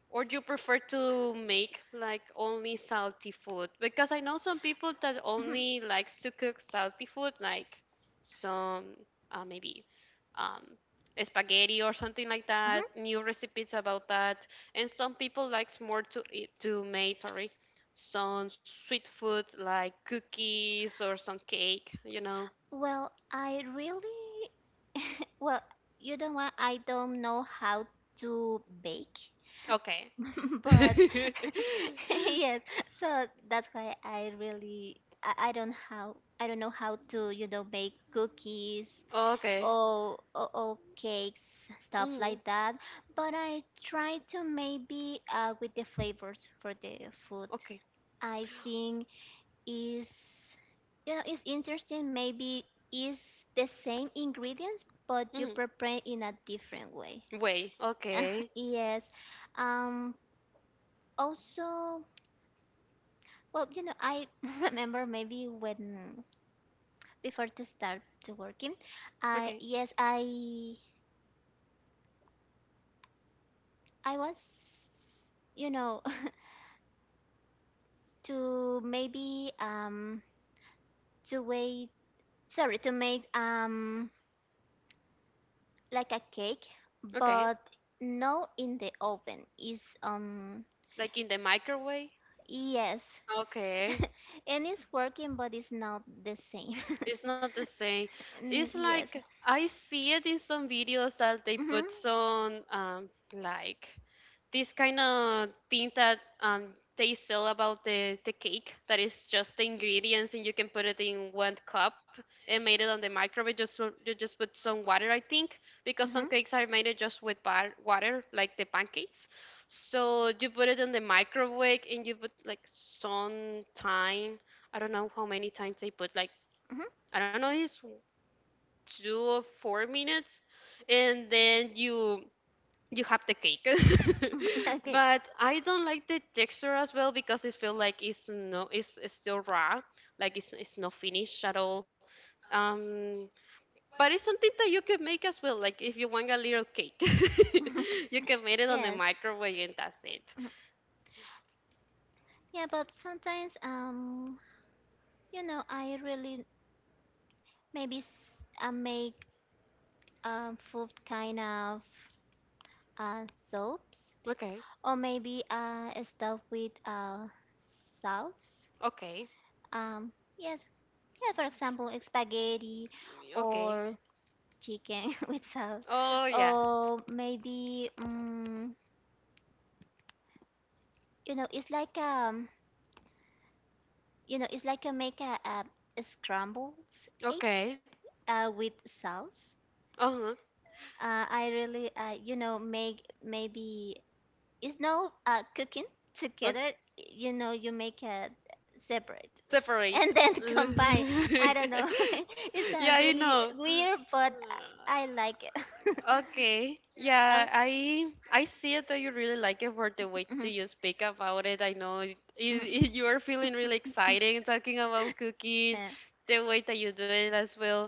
Or do you prefer to make like only salty food? Because I know some people that
mhm,
only likes to cook salty food, like some maybe um, spaghetti or something like
mhm.
that, new recipes about that. And some people likes more to eat, to make, sorry, some sweet food like cookies or some cake, you know?
well, I really well, you don't want I don't know how to bake.
Okay.
but yes, so that's why I really, I don't how I don't know how to make cookies,
Okay.
or cakes, stuff
Mm-hmm.
like that, but I try to maybe with the flavors for the food.
Okay.
I think is, it's interesting. Maybe is the same ingredients but you
Mm-hmm.
prepare in a different way.
Way. Okay.
yes, um also, well, I remember maybe when before to start to working, I
Okay.
yes, I was, you know, to maybe to wait, sorry, to make like a cake,
Okay.
but no in the oven. Is
Like in the microwave?
yes,
Okay.
and it's working, but it's not the same.
It's not the same. It's
Mm,
like
yes.
I see it in some videos that they
Mm-hmm.
put some like this kind of thing that they sell about the cake, that is just the ingredients and you can put it in one cup and made it on the microwave, just you just put some water, I think, because some
hmm
cakes are made just with water, like the pancakes. So you put it in the microwave and you put like some time, I don't know how many times they put, like
hmm
I don't know, it's 2 or 4 minutes, and then you have the cake.
Okay.
But I don't like the texture as well, because it feels like it's no, it's still raw, like it's not finished at all. um but it's something that you can make as well. Like if you want a little cake, you can make it on the
Yes.
microwave and that's it.
Yeah, but sometimes, I really maybe I make food kind of soaps.
Okay.
Or maybe stuff with sauce.
Okay.
Um, yes, yeah, for example, spaghetti
Okay.
or chicken with sauce.
Oh yeah.
Or maybe, it's like, it's like a make a scrambled eggs
Okay.
with sauce.
Uh-huh.
I really, make maybe cooking together, you make it separate
Separate.
and then combine. I don't know, it's a
Yeah, you
really
know.
weird, but I like it.
Okay. Yeah,
oh,
I see it that you really like it for the way
mhm,
that you speak about it. I know
mhm.
you are feeling really excited talking about cooking, the way that you do it as well.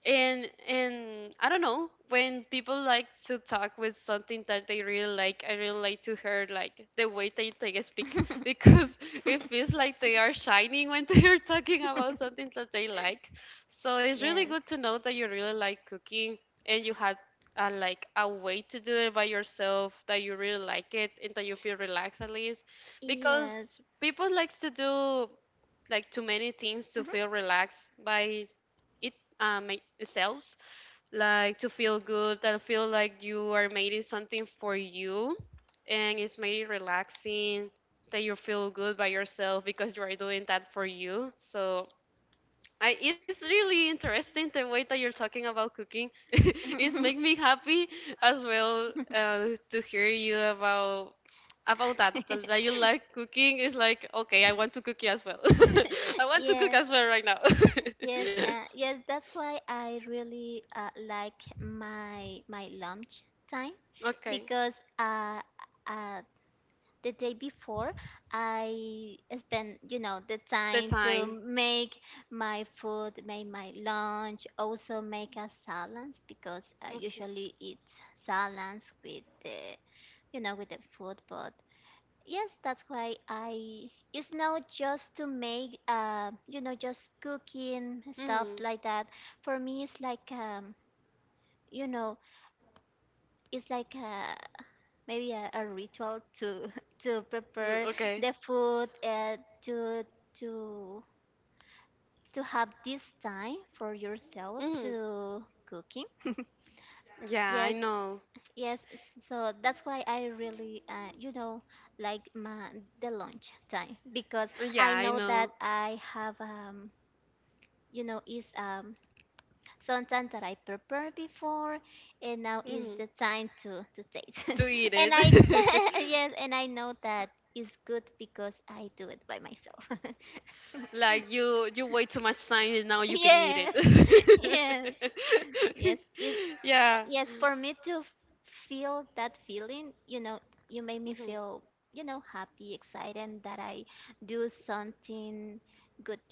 And I don't know, when people like to talk with something that they really like, I really like to hear like the way they speak, because it feels like they are shining when they are talking about something that they like. So it's really
yes.
good to know that you really like cooking, and you had like a way to do it by yourself that you really like it, and that you feel relaxed at least,
Yes.
because people likes to do like too many things to feel relaxed by it, selves, like to feel good, that feel like you are making something for you, and it's made it relaxing, that you feel good by yourself because you are doing that for you. So I, it's really interesting the way that you're talking about cooking. It's make
Mhm.
me happy as well, to hear you about that, that you like cooking. Is like, okay, I want to cook as well. I want to cook
yes.
as well right now.
Yes, yes, that's why I really like my lunch time
Okay.
because, uh, the day before I spend, the
The
time to
time.
make my food, make my lunch, also make a salads because I
Okay.
usually eat salads with the, with the food. But yes, that's why I... it's not just to make, just cooking stuff
Mm.
like that. For me, it's like, you know, it's like maybe a ritual to to
Mm,
prepare
okay.
the food, to to to have this time for yourself
Mm.
to cooking.
Yeah, I
Yes.
know.
Yes, so that's why I really, like my the lunch time, because
Yeah,
I
I
know
know.
that I have, is something that I prepared before, and now is
Mm.
the time to taste.
To eat
and I...
it.
yes, and I know that is good because I do it by myself.
Like you wait too much time and now you can eat it.
yes, yes, yes. It,
Yeah.
yes, for me to feel that feeling, you made me
Mm-hmm.
feel, happy, excited that I do something good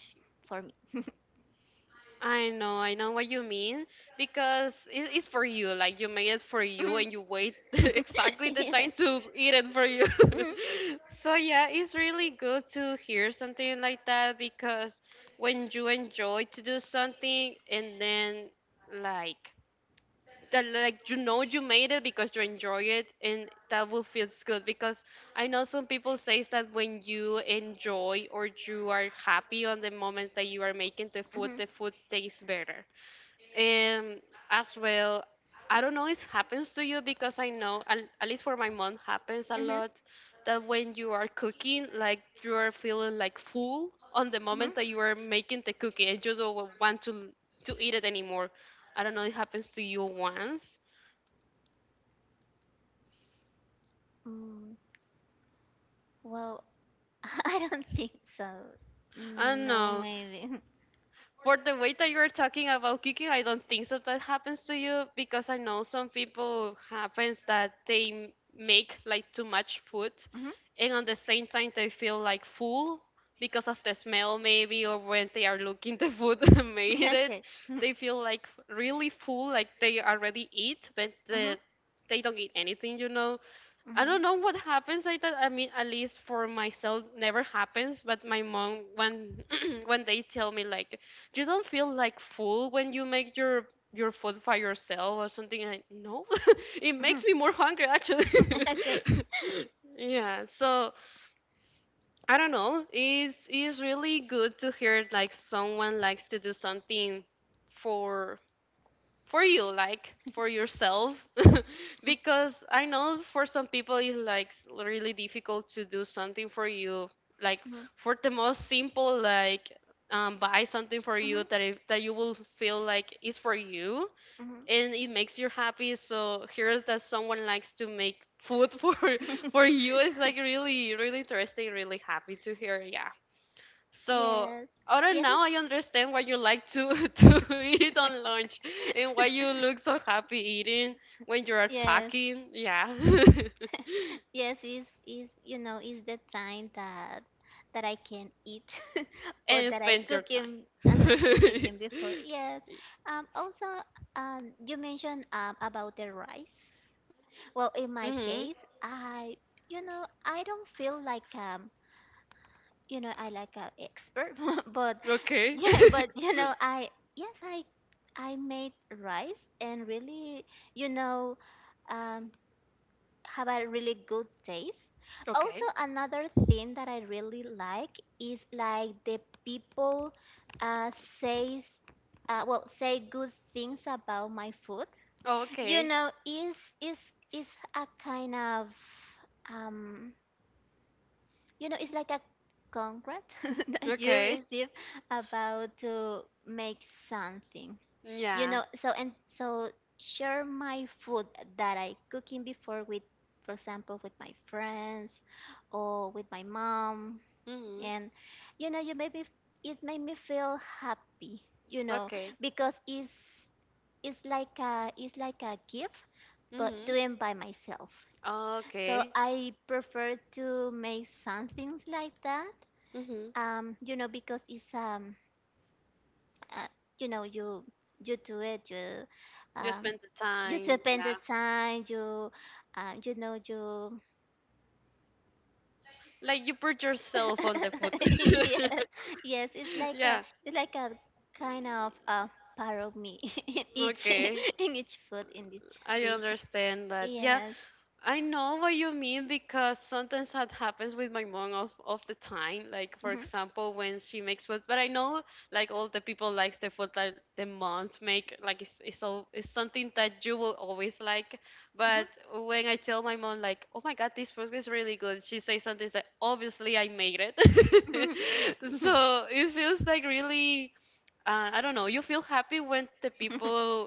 for me.
I know what you mean, because it's for you. Like you made it for you,
Mhm.
and you wait exactly the
yeah. Mhm.
time to eat it for you.
Mhm.
So yeah, it's really good to hear something like that, because when you enjoy to do something and then like that, like you know you made it because you enjoy it, and that will feels good, because I know some people says that when you enjoy or you are happy on the moment that you are making the food, the food tastes better, um, as well. I don't know if it happens to you, because I know, at least for my mom, happens a
Mhm.
lot, that when you are cooking, like you are feeling like full on the
Mhm.
moment that you are making the cookie, and you don't want to eat it anymore. I don't know, it happens to you once.
Mm, well, I don't think so.
I don't
No,
know.
maybe.
For the way that you're talking about cooking, I don't think so that happens to you because I know some people happens that they make like too much food
hmm
and on the same time they feel like full because of the smell maybe or when they are looking the food made it
Okay. hmm
they feel like really full like they already eat but they don't eat anything, you know.
hmm
I don't know
hmm
what happens like that. I mean, at least for myself, never happens. But my mom, when when they tell me like, you don't feel like full when you make your food by yourself or something, I no, it makes me more hungry actually.
Okay.
Yeah. So I don't know. It's really good to hear like someone likes to do something for for you, like for yourself because I know for some people it's like really difficult to do something for you, like
hmm
for the most simple, like buy something for
hmm
you that if that you will feel like is for you
hmm.
and it makes you happy. So here's that someone likes to make food for you, it's like really, really interesting, really happy to hear. Yeah. So
Yes.
other,
Yes.
now
It's,
I understand why you like to to eat on lunch and why you look so happy eating when you're
yes.
talking. Yeah.
Yes, is is the time that I can eat, or
And
that I
spend your
cook him,
time.
cook him before. Yes. Also, you mentioned about the rice.
Mhm.
Well, in my case, I I don't feel like, I like a expert, but
Okay.
yeah, but, I yes, I made rice and really, you know. Um, have a really good taste. Also,
Okay.
another thing that I really like is like the people, uh, says well, say good things about my food.
Okay.
Is is, a kind of, um it's like a contract that you
Okay.
receive about to make something.
Yeah.
So and so share my food that I cooking before with, for example, with my friends or with my mom,
Mhm.
and, you made me f- it made me feel happy. You know,
Okay.
because it's like a gift, but
Mhm.
doing by myself. So
Okay.
I prefer to make some things like that,
Mhm.
because it's, uh, you you do it,
You
um
spend the
you
time.
spend the
Yeah.
time, you
Like you put yourself on the food.
yes, yes, it's
Yeah.
like a, it's like a kind of
Mm,
a part of me in each
Okay,
in each food, in each
I
dish.
understand that. Yeah,
Yes.
I know what you mean because sometimes that happens with my mom of the time. Like for
Hmm.
example, when she makes food, but I know like all the people likes the food that the moms make. Like all, it's something that you will always like.
hmm
But when I tell my mom like, oh my God, this food is really good, she says something that obviously I made it. So it feels like really. I don't know. You feel happy when the people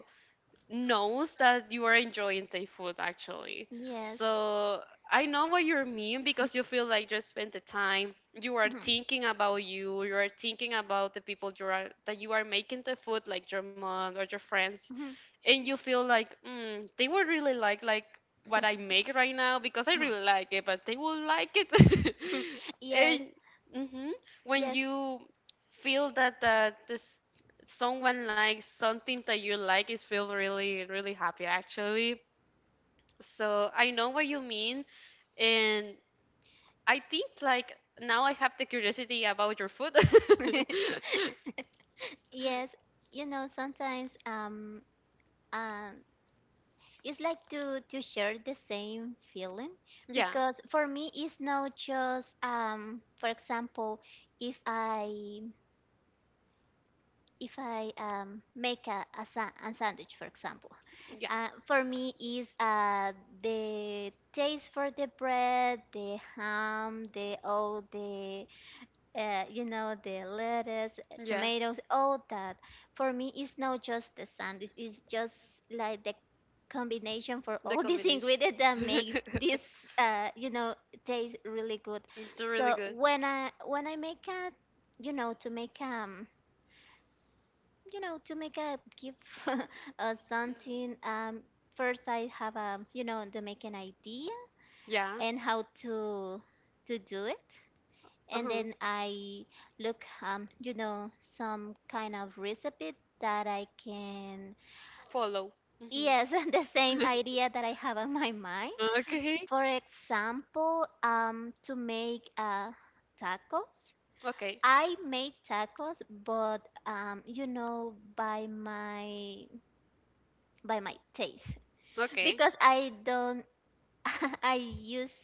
knows that you are enjoying the food actually.
yes.
So I know what you mean because you feel like you spend the time, you are
Mhm. Mhm.
thinking about you, you are thinking about the people you are that you are making the food, like your mom or your friends,
Mhm.
and you feel like mm, they would really like what I make right now because I really like it, but they will like it.
yes,
And mhm, when
yes.
you feel that this someone likes something that you like, is feel really really happy actually. So I know what you mean, and I think like now I have the curiosity about your food.
Yes, sometimes um it's like to share the same feeling,
Yeah,
because for me it's not just, for example, if I make a sandwich, for example,
yeah,
for me is the taste for the bread, the ham, the all the, the lettuce,
yeah.
tomatoes, all that. For me, it's not just the sandwich, it's just like the combination for
The
all these
combination.
ingredients that make
It's
this, uh, you know, taste really good.
really
So
good.
when I make a, to make to make a gift or
Mm.
something, first I have, to make an idea
Yeah.
and how to do it, and
Uh-huh.
then I look, some kind of recipe that I can,
Follow. Mm-hmm.
yes, the same idea that I have on my mind.
Okay.
For example, to make tacos.
Okay.
I made tacos, but, by my taste,
Okay.
because I don't. I use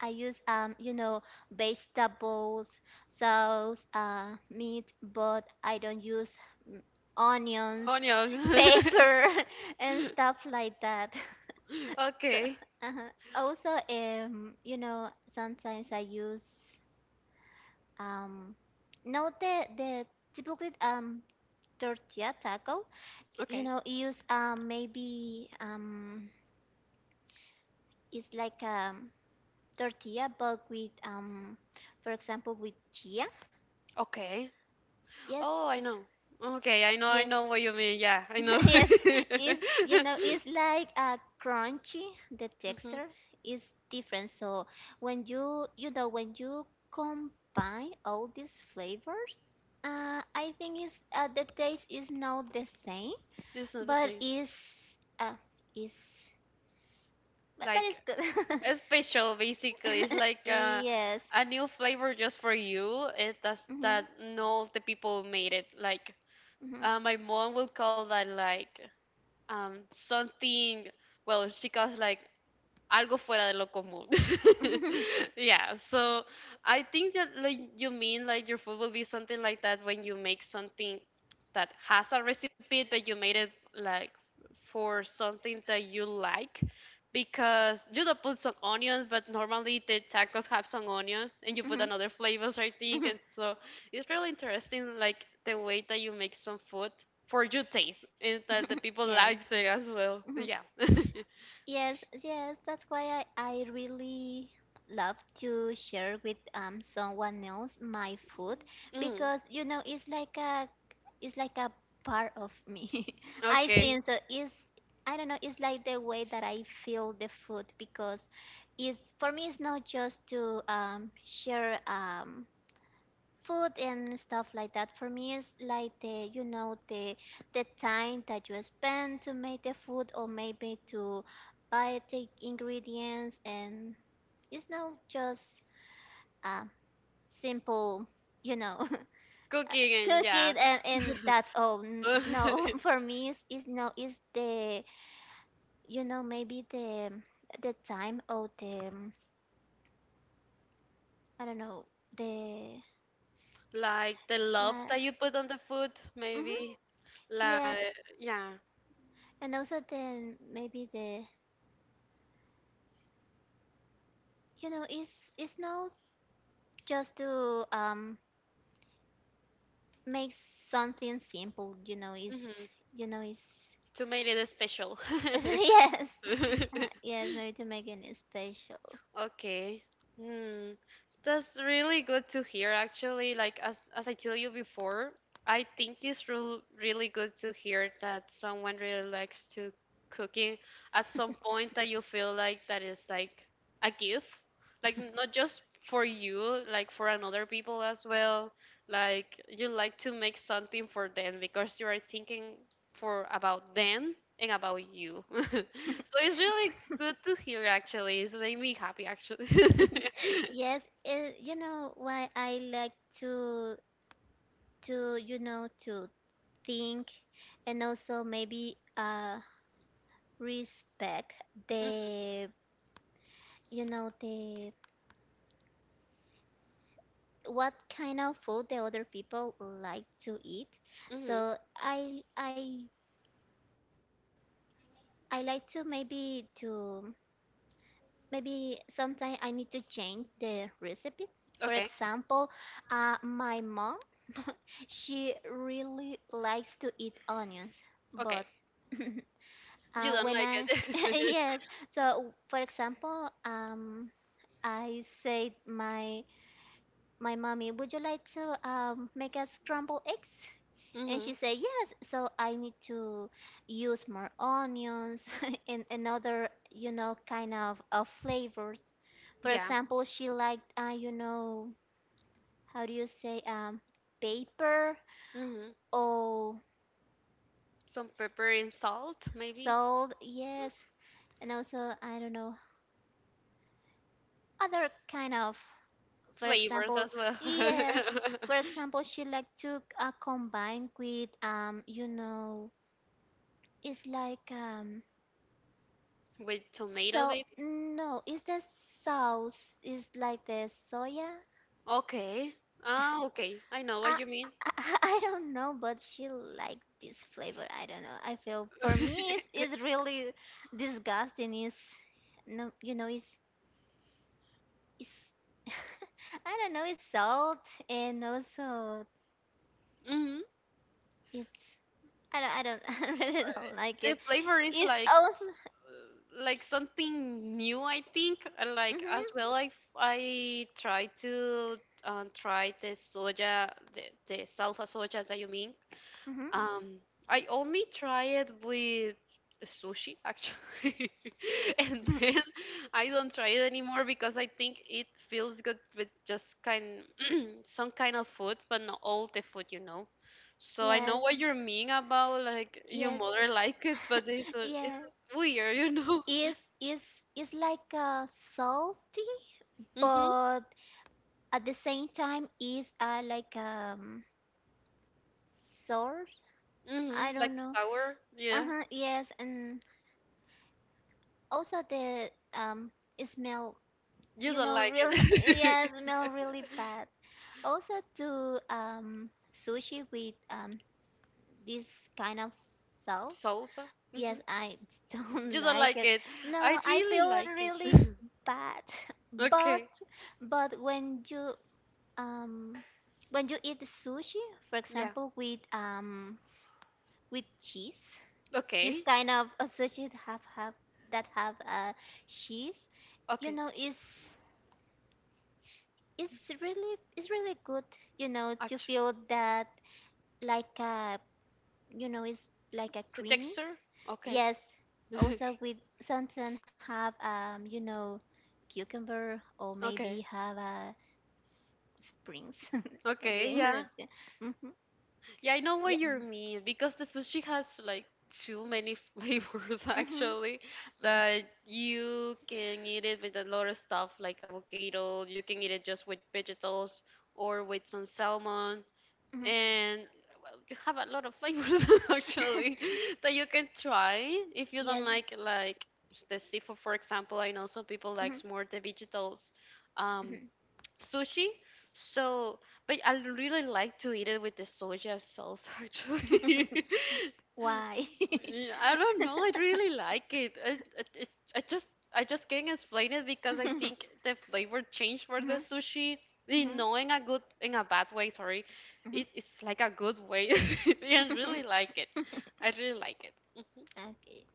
I use um you know vegetables, sauce, meat, but I don't use, mm, onions,
Onion.
paper, and stuff like that. So,
Okay.
uh also, sometimes I use, um, not the typical tortilla taco. You
Okay.
know, use, maybe, it's like, tortilla, but with, for example, with chia.
Okay.
Yes,
Oh, I know. Okay, I
yes,
know what you mean. Yeah, I know.
yes. Is, it's like a crunchy. The
Hmm.
texture is different. So when when you combine all these flavors, I think is, the taste is not the same,
It's not the
but
same.
is, uh, is but
Like
it's good.
a special, basically. It's like
yes.
a new flavor just for you. It does
Mhm.
that. No, the people made it. Like
Mhm.
my mom will call that like something, well, she calls like algo fuera de lo común. Yeah, so I think that like you mean like your food will be something like that when you make something that has a recipe but you made it like for something that you like because you don't put some onions, but normally the tacos have some onions and you put
Mhm.
another flavors, I think.
Mhm.
And so it's really interesting like the way that you make some food for your taste and that the people
Yes.
likes it as well.
Mhm.
Yeah.
Yes, yes, that's why I really love to share with, someone else my food,
Mm,
because, it's like a, it's like a part of me. I
okay.
think so. It's, I don't know, it's like the way that I feel the food, because it's, for me it's not just to, share, food and stuff like that. For me is like the, the time that you spend to make the food, or maybe to buy the ingredients, and it's not just a simple, you know
Cooking and
cook
yeah.
it and, that's all. No, for me it's no, it's the, maybe the time, or the, I don't know, the
Like the love
la-
that you put on the food,
Mhm.
maybe. Like
Yes,
yeah.
and also then maybe the, it's not just to, make something simple, it's,
Hmm.
it's
To make it special.
yes, yes, maybe to make it special.
Okay. Hmm. That's really good to hear, actually. Like, as I tell you before, I think it's really good to hear that someone really likes to cooking at some point that you feel like that is like a gift. Like, not just for you, like for another people as well. Like, you like to make something for them because you are thinking for about them and about you. So it's really good to hear actually. It's made me happy actually.
yes, it, why I like to to think, and also maybe, respect
Mm-hmm.
the, the what kind of food the other people like to eat. So I like to maybe sometime I need to change the recipe. For
Okay.
example, my mom, she really likes to eat onions,
Okay.
but,
You don't
when
like
I...
it.
yes, so for example, I said my mommy, would you like to, make us scrambled eggs? And
Mm-hmm.
she said, "Yes, so I need to use more onions, and another, kind of flavors." For
Yeah.
example, she liked, how do you say, pepper
Mm-hmm.
or
Some pepper and salt maybe.
salt? Yes, and also I don't know other kind of. For
Flavors
example,
as well.
yes, for example, she liked to, combine with, it's like,
With tomato
so
maybe.
no, is the sauce is like the soya?
Okay. Ah, okay. I know what
I,
you mean.
I I don't know, but she like this flavor. I don't know. I feel for me it's really disgusting. Is no, it's I don't know. It's salt and also
Hmm.
it's I don't I really don't like
The
it.
flavor is
It also
like something new, I think, and like
mhm
as well I try to try the soja the salsa soja that you mean,
mhm
um, I only try it with sushi actually. And
Mhm.
then I don't try it anymore because I think it feels good with just kind some kind of food, but not all the food, you know. So I know
Yes,
what you mean about like your
yes,
mother like it, but it's
yeah.
weird, you know.
Is is is like salty,
Mhm,
but at the same time is like sour. I
mhm, like
don't know.
sour,
Uh
yeah.
huh. Yes, and also the it smell.
You
You
don't
know,
like
real.
it.
Yeah, smell really bad. Also to sushi with this kind of sauce.
Salsa,
Yes,
mhm.
I don't
You don't
like
like
it.
it.
No,
I
I
really
feel
like
really
it.
bad. But
Okay.
but um when you eat sushi, for
Yeah.
example, with cheese, this
Okay.
kind of a sushi that have that have cheese, you
Okay.
know, is really it's really good, you know, to
Actually,
feel that like you know, it's like a
the
creamy.
texture. Okay.
Yes, also we sometimes have you know, cucumber or
Okay.
maybe have a springs. I
Okay.
think that,
Yeah.
mm-hmm.
Yeah. I know what
Yeah.
you mean because the sushi has like too many flavors
Mm-hmm.
actually that you can eat it with a lot of stuff like avocado. You can eat it just with vegetables or with some salmon,
Mm-hmm.
and well, you have a lot of flavors actually that you can try if you don't
Yes.
like the seafood, for example. I know some people
Mm-hmm.
likes more the vegetables um
Mhm.
sushi, so but I really like to eat it with the soja sauce actually.
Why?
Yeah, I don't know. I really like it. It, I just I just can't explain it because I think the flavor change for the
Mhm,
sushi. You
mhm,
know, in a good, in a bad way. Sorry,
mhm,
it's like a good way. I
mhm.
really like it. I really like it.
Okay.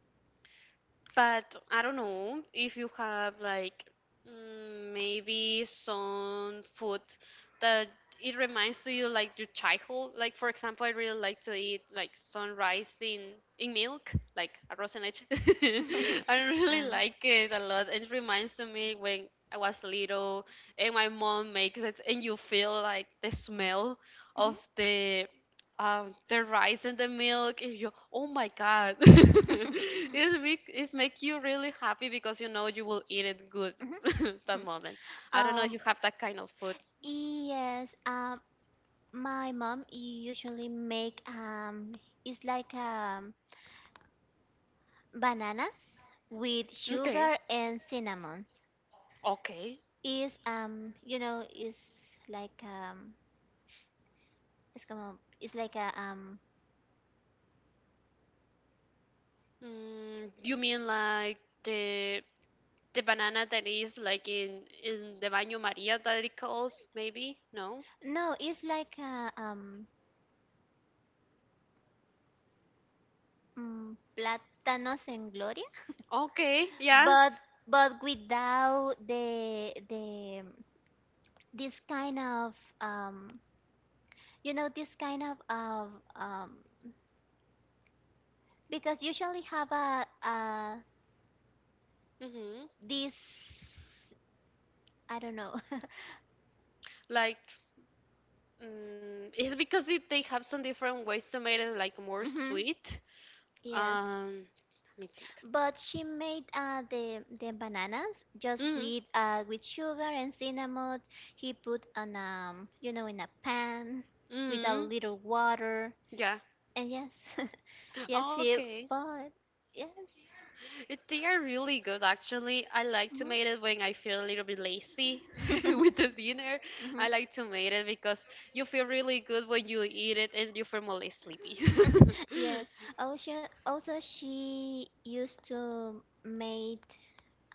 But I don't know if you have like mm, maybe some food that it reminds to you like your childhood. Like for example, I really like to eat like sunrise in milk, like arroz en leche. I really
Um,
like it a lot. It reminds to me when I was little and my mom makes it, and you feel like the smell
Mhm.
of the rice and the milk and you oh my god it's make you really happy because you know you will eat it good
Mhm.
that
Mhm.
moment. I don't know if
Um,
you have that kind of food.
yes, my mom usually make it's like bananas with
Okay.
sugar and cinnamon.
Okay.
Is you know, is like it's como, it's like a
You mean like the the banana that is like in the baño maria, that it calls maybe? No.
no, it's like a plátanos en gloria,
Okay. Yeah.
but but without the the this kind of you know this kind of um because usually have a
Mm-hmm.
this I don't know.
Like mm, it's because it, they have some different ways to make it like more
Mhm.
sweet.
Yes.
Um, let me think.
But she made the bananas just
Mm,
with sugar and cinnamon. He put on you know in a pan with a little
mm,
water
yeah.
and yes yes, he,
Oh. Okay.
but yes.
They are really good, actually. I like to make it
Mhm.
when I feel a little bit lazy with the dinner. I
Mhm.
like to make it because you feel really good when you eat it and you feel more less sleepy.
Yes. Also she used to made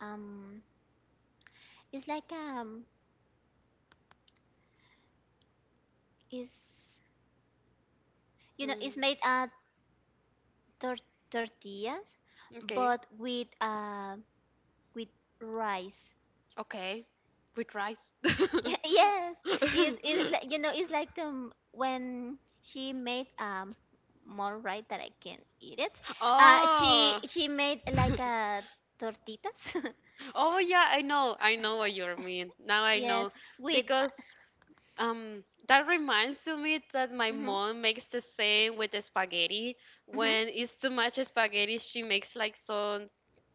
um. It's like It's you know it's made
Mm,
tor- tortillas, but
okay.
with rice.
Okay. With rice.
Yes, is like you know it's like the when she made more right that I can eat it, she
Oh.
she made like a tortitas
Oh yeah, I know. I know what you mean. Now I
yes
know
with
because that reminds to me that my
hmm
mom makes the same with the spaghetti.
hmm
When it's too much spaghetti, she makes like some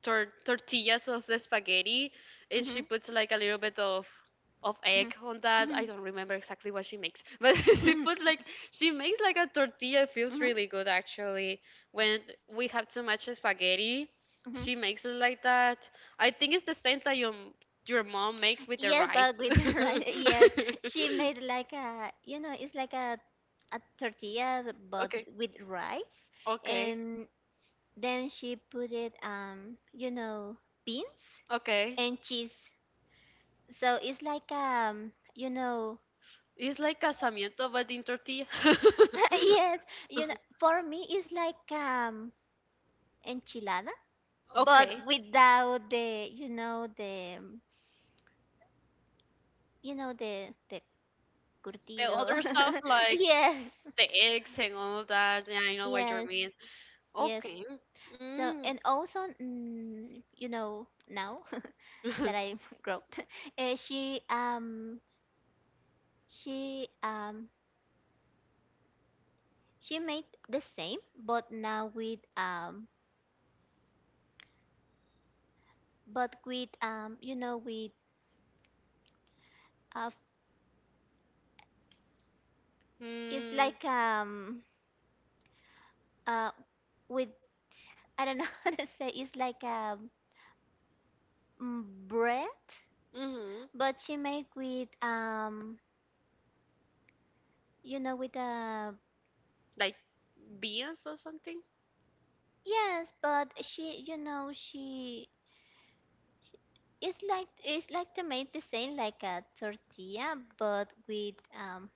tortillas of the spaghetti, and she
Mhm.
puts like a little bit of egg
Mhm.
on that. I
Mhm.
don't remember exactly what she makes, but she
Mhm.
put like she makes like a tortilla. It feels
Mhm.
really good actually. When we have too much spaghetti,
Mhm.
she makes it like that. I think it's the same that your mom makes with the
Yes,
rice.
but with the rice, yes, she made like a, you know, it's like a tortilla but
Okay.
with rice,
Okay.
and then she put it, you know, beans
Okay.
and cheese. So it's like you know,
It's like casamiento, but in tortilla.
yes, you know, for me it's like enchilada,
Okay.
but without the, you know, the, you know, the
The
curtido.
other stuff like
Yes,
the eggs and all that. Yeah, I know what you
yes,
mean.
yes.
Okay.
So
Mm.
and also, you know, now that I've grown, uh, she um she um she made the same, but now with but with you know with uh it's
Mm.
like uh with I don't know how to say. It's like a bread,
Mm-hmm.
but she make with you know, with a
Like beans or something?
yes, but she, you know, she it's like to make the same like a tortilla, but with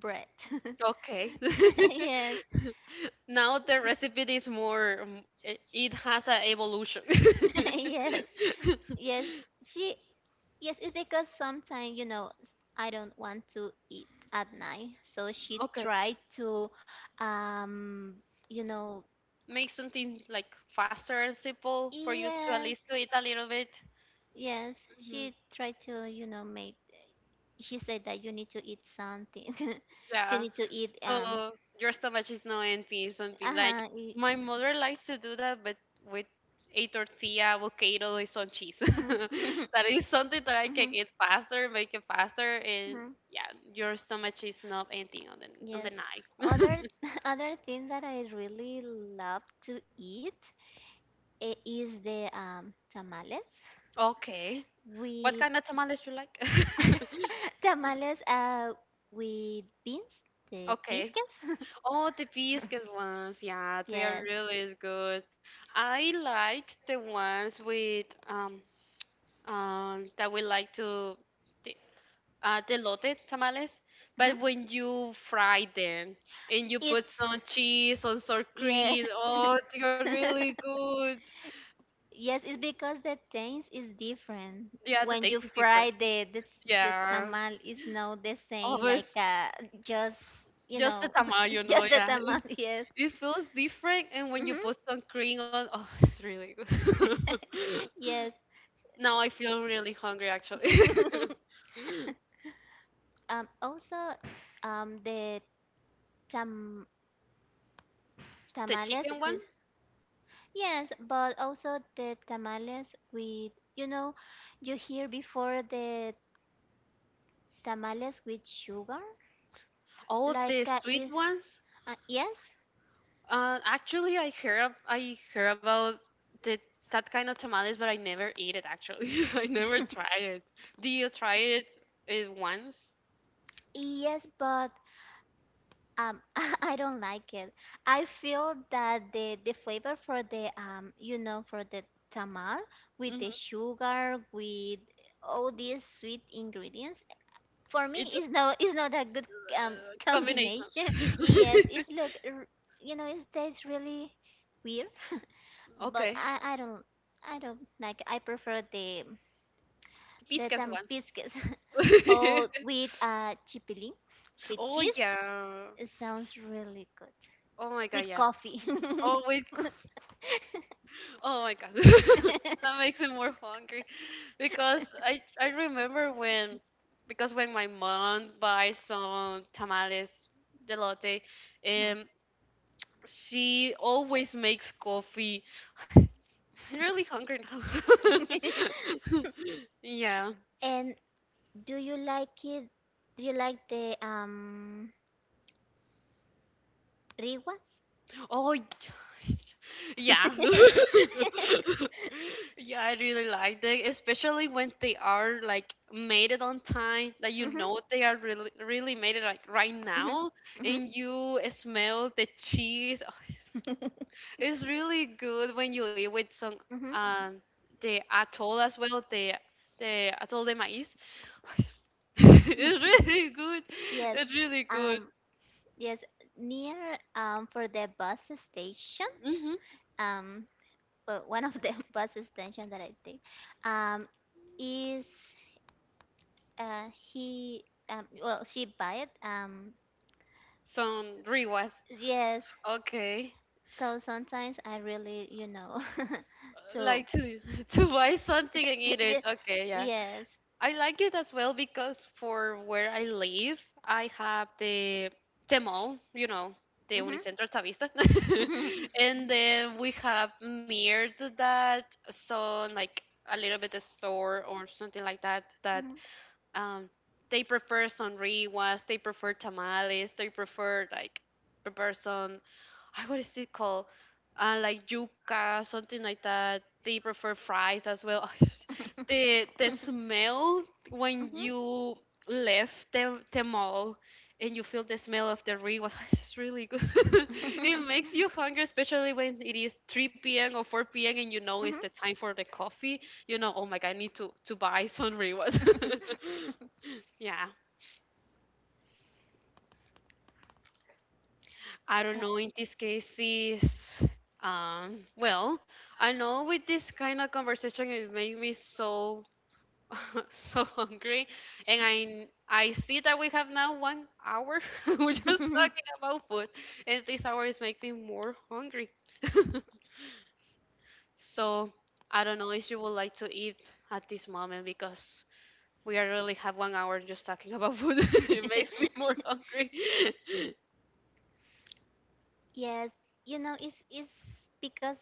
bread.
Okay.
Yes,
Now the recipe is more, it has an evolution.
yes, yes. She Yes, it's because sometimes, you know, I don't want to eat at night. So she
Okay.
tried to, um, you know,
Make something like faster and simple for you to at least
yes,
to eat a little bit.
yes,
Hmm.
she tried to, you know, make, she said that you need to eat something. You
Yeah.
need to eat,
So your stomach is not empty, something like
uh-huh, e-
my mother likes to do that, but with a tortilla, avocado, and some cheese.
mhm.
That is something that I can
Mhm.
eat faster, make it faster, and
Mhm.
yeah, your stomach is not empty on the
Yes.
night.
Other other thing that I really love to eat is the tamales
Okay. What
with
kind of tamales you like?
tamales with beans, the
Okay.
biscuits.
Oh, the biscuits ones, yeah, they are
Yes.
really good. I like the ones with that we like to the delote tamales,
Mhm.
but when you fry them and you put
It's
some cheese on sour
yeah.
cream, oh, they are really good.
Yes, it's because the taste is different.
Yeah, the
When you
taste is different.
fry the the
Yeah,
tamal, is not the same like
always
just you
just the
know
tamal, you know.
just the
Yeah, it,
tamal. Yes.
it feels different, and when you
Hmm.
put some cream on, oh, it's really good.
Yes.
Now I feel really hungry actually.
Also, the tam
The
tamales
chicken one.
with yes, but also the tamales with you know, you hear before the tamales with sugar.
Oh,
Like
the sweet
is
ones.
yes,
Actually, I hear about the that kind of tamales, but I never eat it actually. I never try it. Do you try it, it once?
yes, but I don't like it. I feel that the flavor for the you know, for the tamal with the
Hmm.
sugar with all these sweet ingredients for me
It's just
is no is not a good
combination.
combination. Yes, it's look, you know, it tastes really weird. But
Okay,
I don't like I prefer the
the
That's
piscas ones.
biscuits. Oh, with chipili, with
Oh
cheese.
yeah.
It sounds really good.
Oh my god,
With
yeah.
coffee.
Oh with oh my god. That makes me more hungry because I remember when because when my mom buys some tamales delote um she always makes coffee. I'm really hungry now. Yeah.
And do you like it? Do you like the riguas?
Oh, y- yeah. Yeah, I really like them, especially when they are like made it on time, that you
Mhm.
know they are really really made it like right
Mhm.
now,
Mhm.
and you smell the cheese. Oh, it's really good when you eat with some
Mhm.
um the atol as well, the atol de maíz. It's really good.
Yes.
It's really good.
Um, yes, near for the bus station,
Hmm.
um, well, one of the bus station that I think, um, is he well she buy it
Some riwas.
yes.
Okay.
So sometimes I really you know to
Like to to buy something and eat it. Okay, yeah.
yes.
I like it as well because for where I live, I have the mall, you know, the
Mhm.
Unicentro Tavista. And then we have near to that some like a little bit of store or something like that that
Mhm.
um they prefer sonriwas, they prefer tamales, they prefer like prepare some I what is it called? Like yuca, something like that. They prefer fries as well. The smell when you left the mall and you feel the smell of the re was it's really good. It makes you hungry, especially when it is 3 p.m. or 4 p.m. and you know it's the time for the coffee. You know, oh my god, I need to buy some rewas. Yeah. I don't know in this case is well I know with this kind of conversation it made me so so hungry and I see that we have now 1 hour we're just talking about food and this hour is making me more hungry so I don't know if you would like to eat at this moment because we are really have 1 hour just talking about food it makes me more hungry
Yes, you know, it's because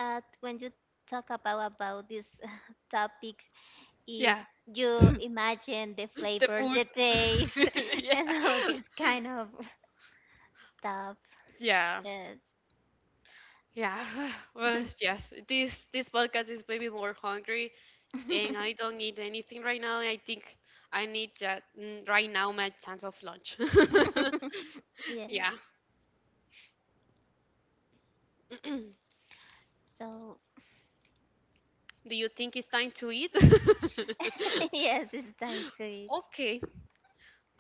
when you talk about this topic, is
yeah.
you imagine the
The
flavors, the
food.
taste,
Yeah.
and all this kind of stuff.
Yeah.
Yes.
Yeah. Well, yes. This podcast is maybe more hungry and I don't need anything right now. I think I need just right now my time of lunch.
Yes.
Yeah. Do
So
you think it's time to eat?
yes, it's time to eat.
Okay.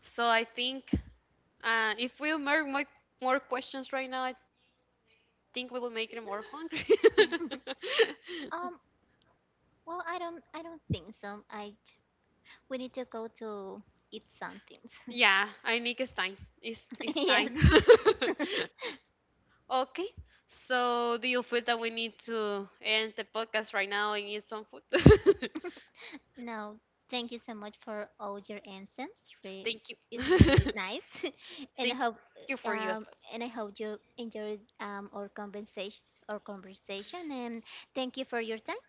So I think if we make more questions right now, I think we will make them more hungry.
Um. Well, I don't. I don't think so. I We need to go to eat something.
Yeah, I think it's time. It's it's
Yes.
time. Okay. So, do you feel that we need to end the podcast right now and eat some food?
No, thank you so much for all your answers. Re-
Thank you.
it's really nice, and
Thank
I
you for
hope
you as well.
um, and I hope you enjoyed our conversation. Our conversation, and thank you for your time.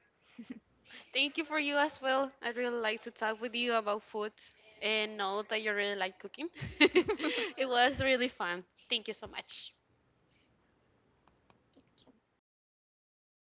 Thank you for you as well. I really like to talk with you about food and know that you really like cooking. It
Thank
was really fun. Thank you so much.
you.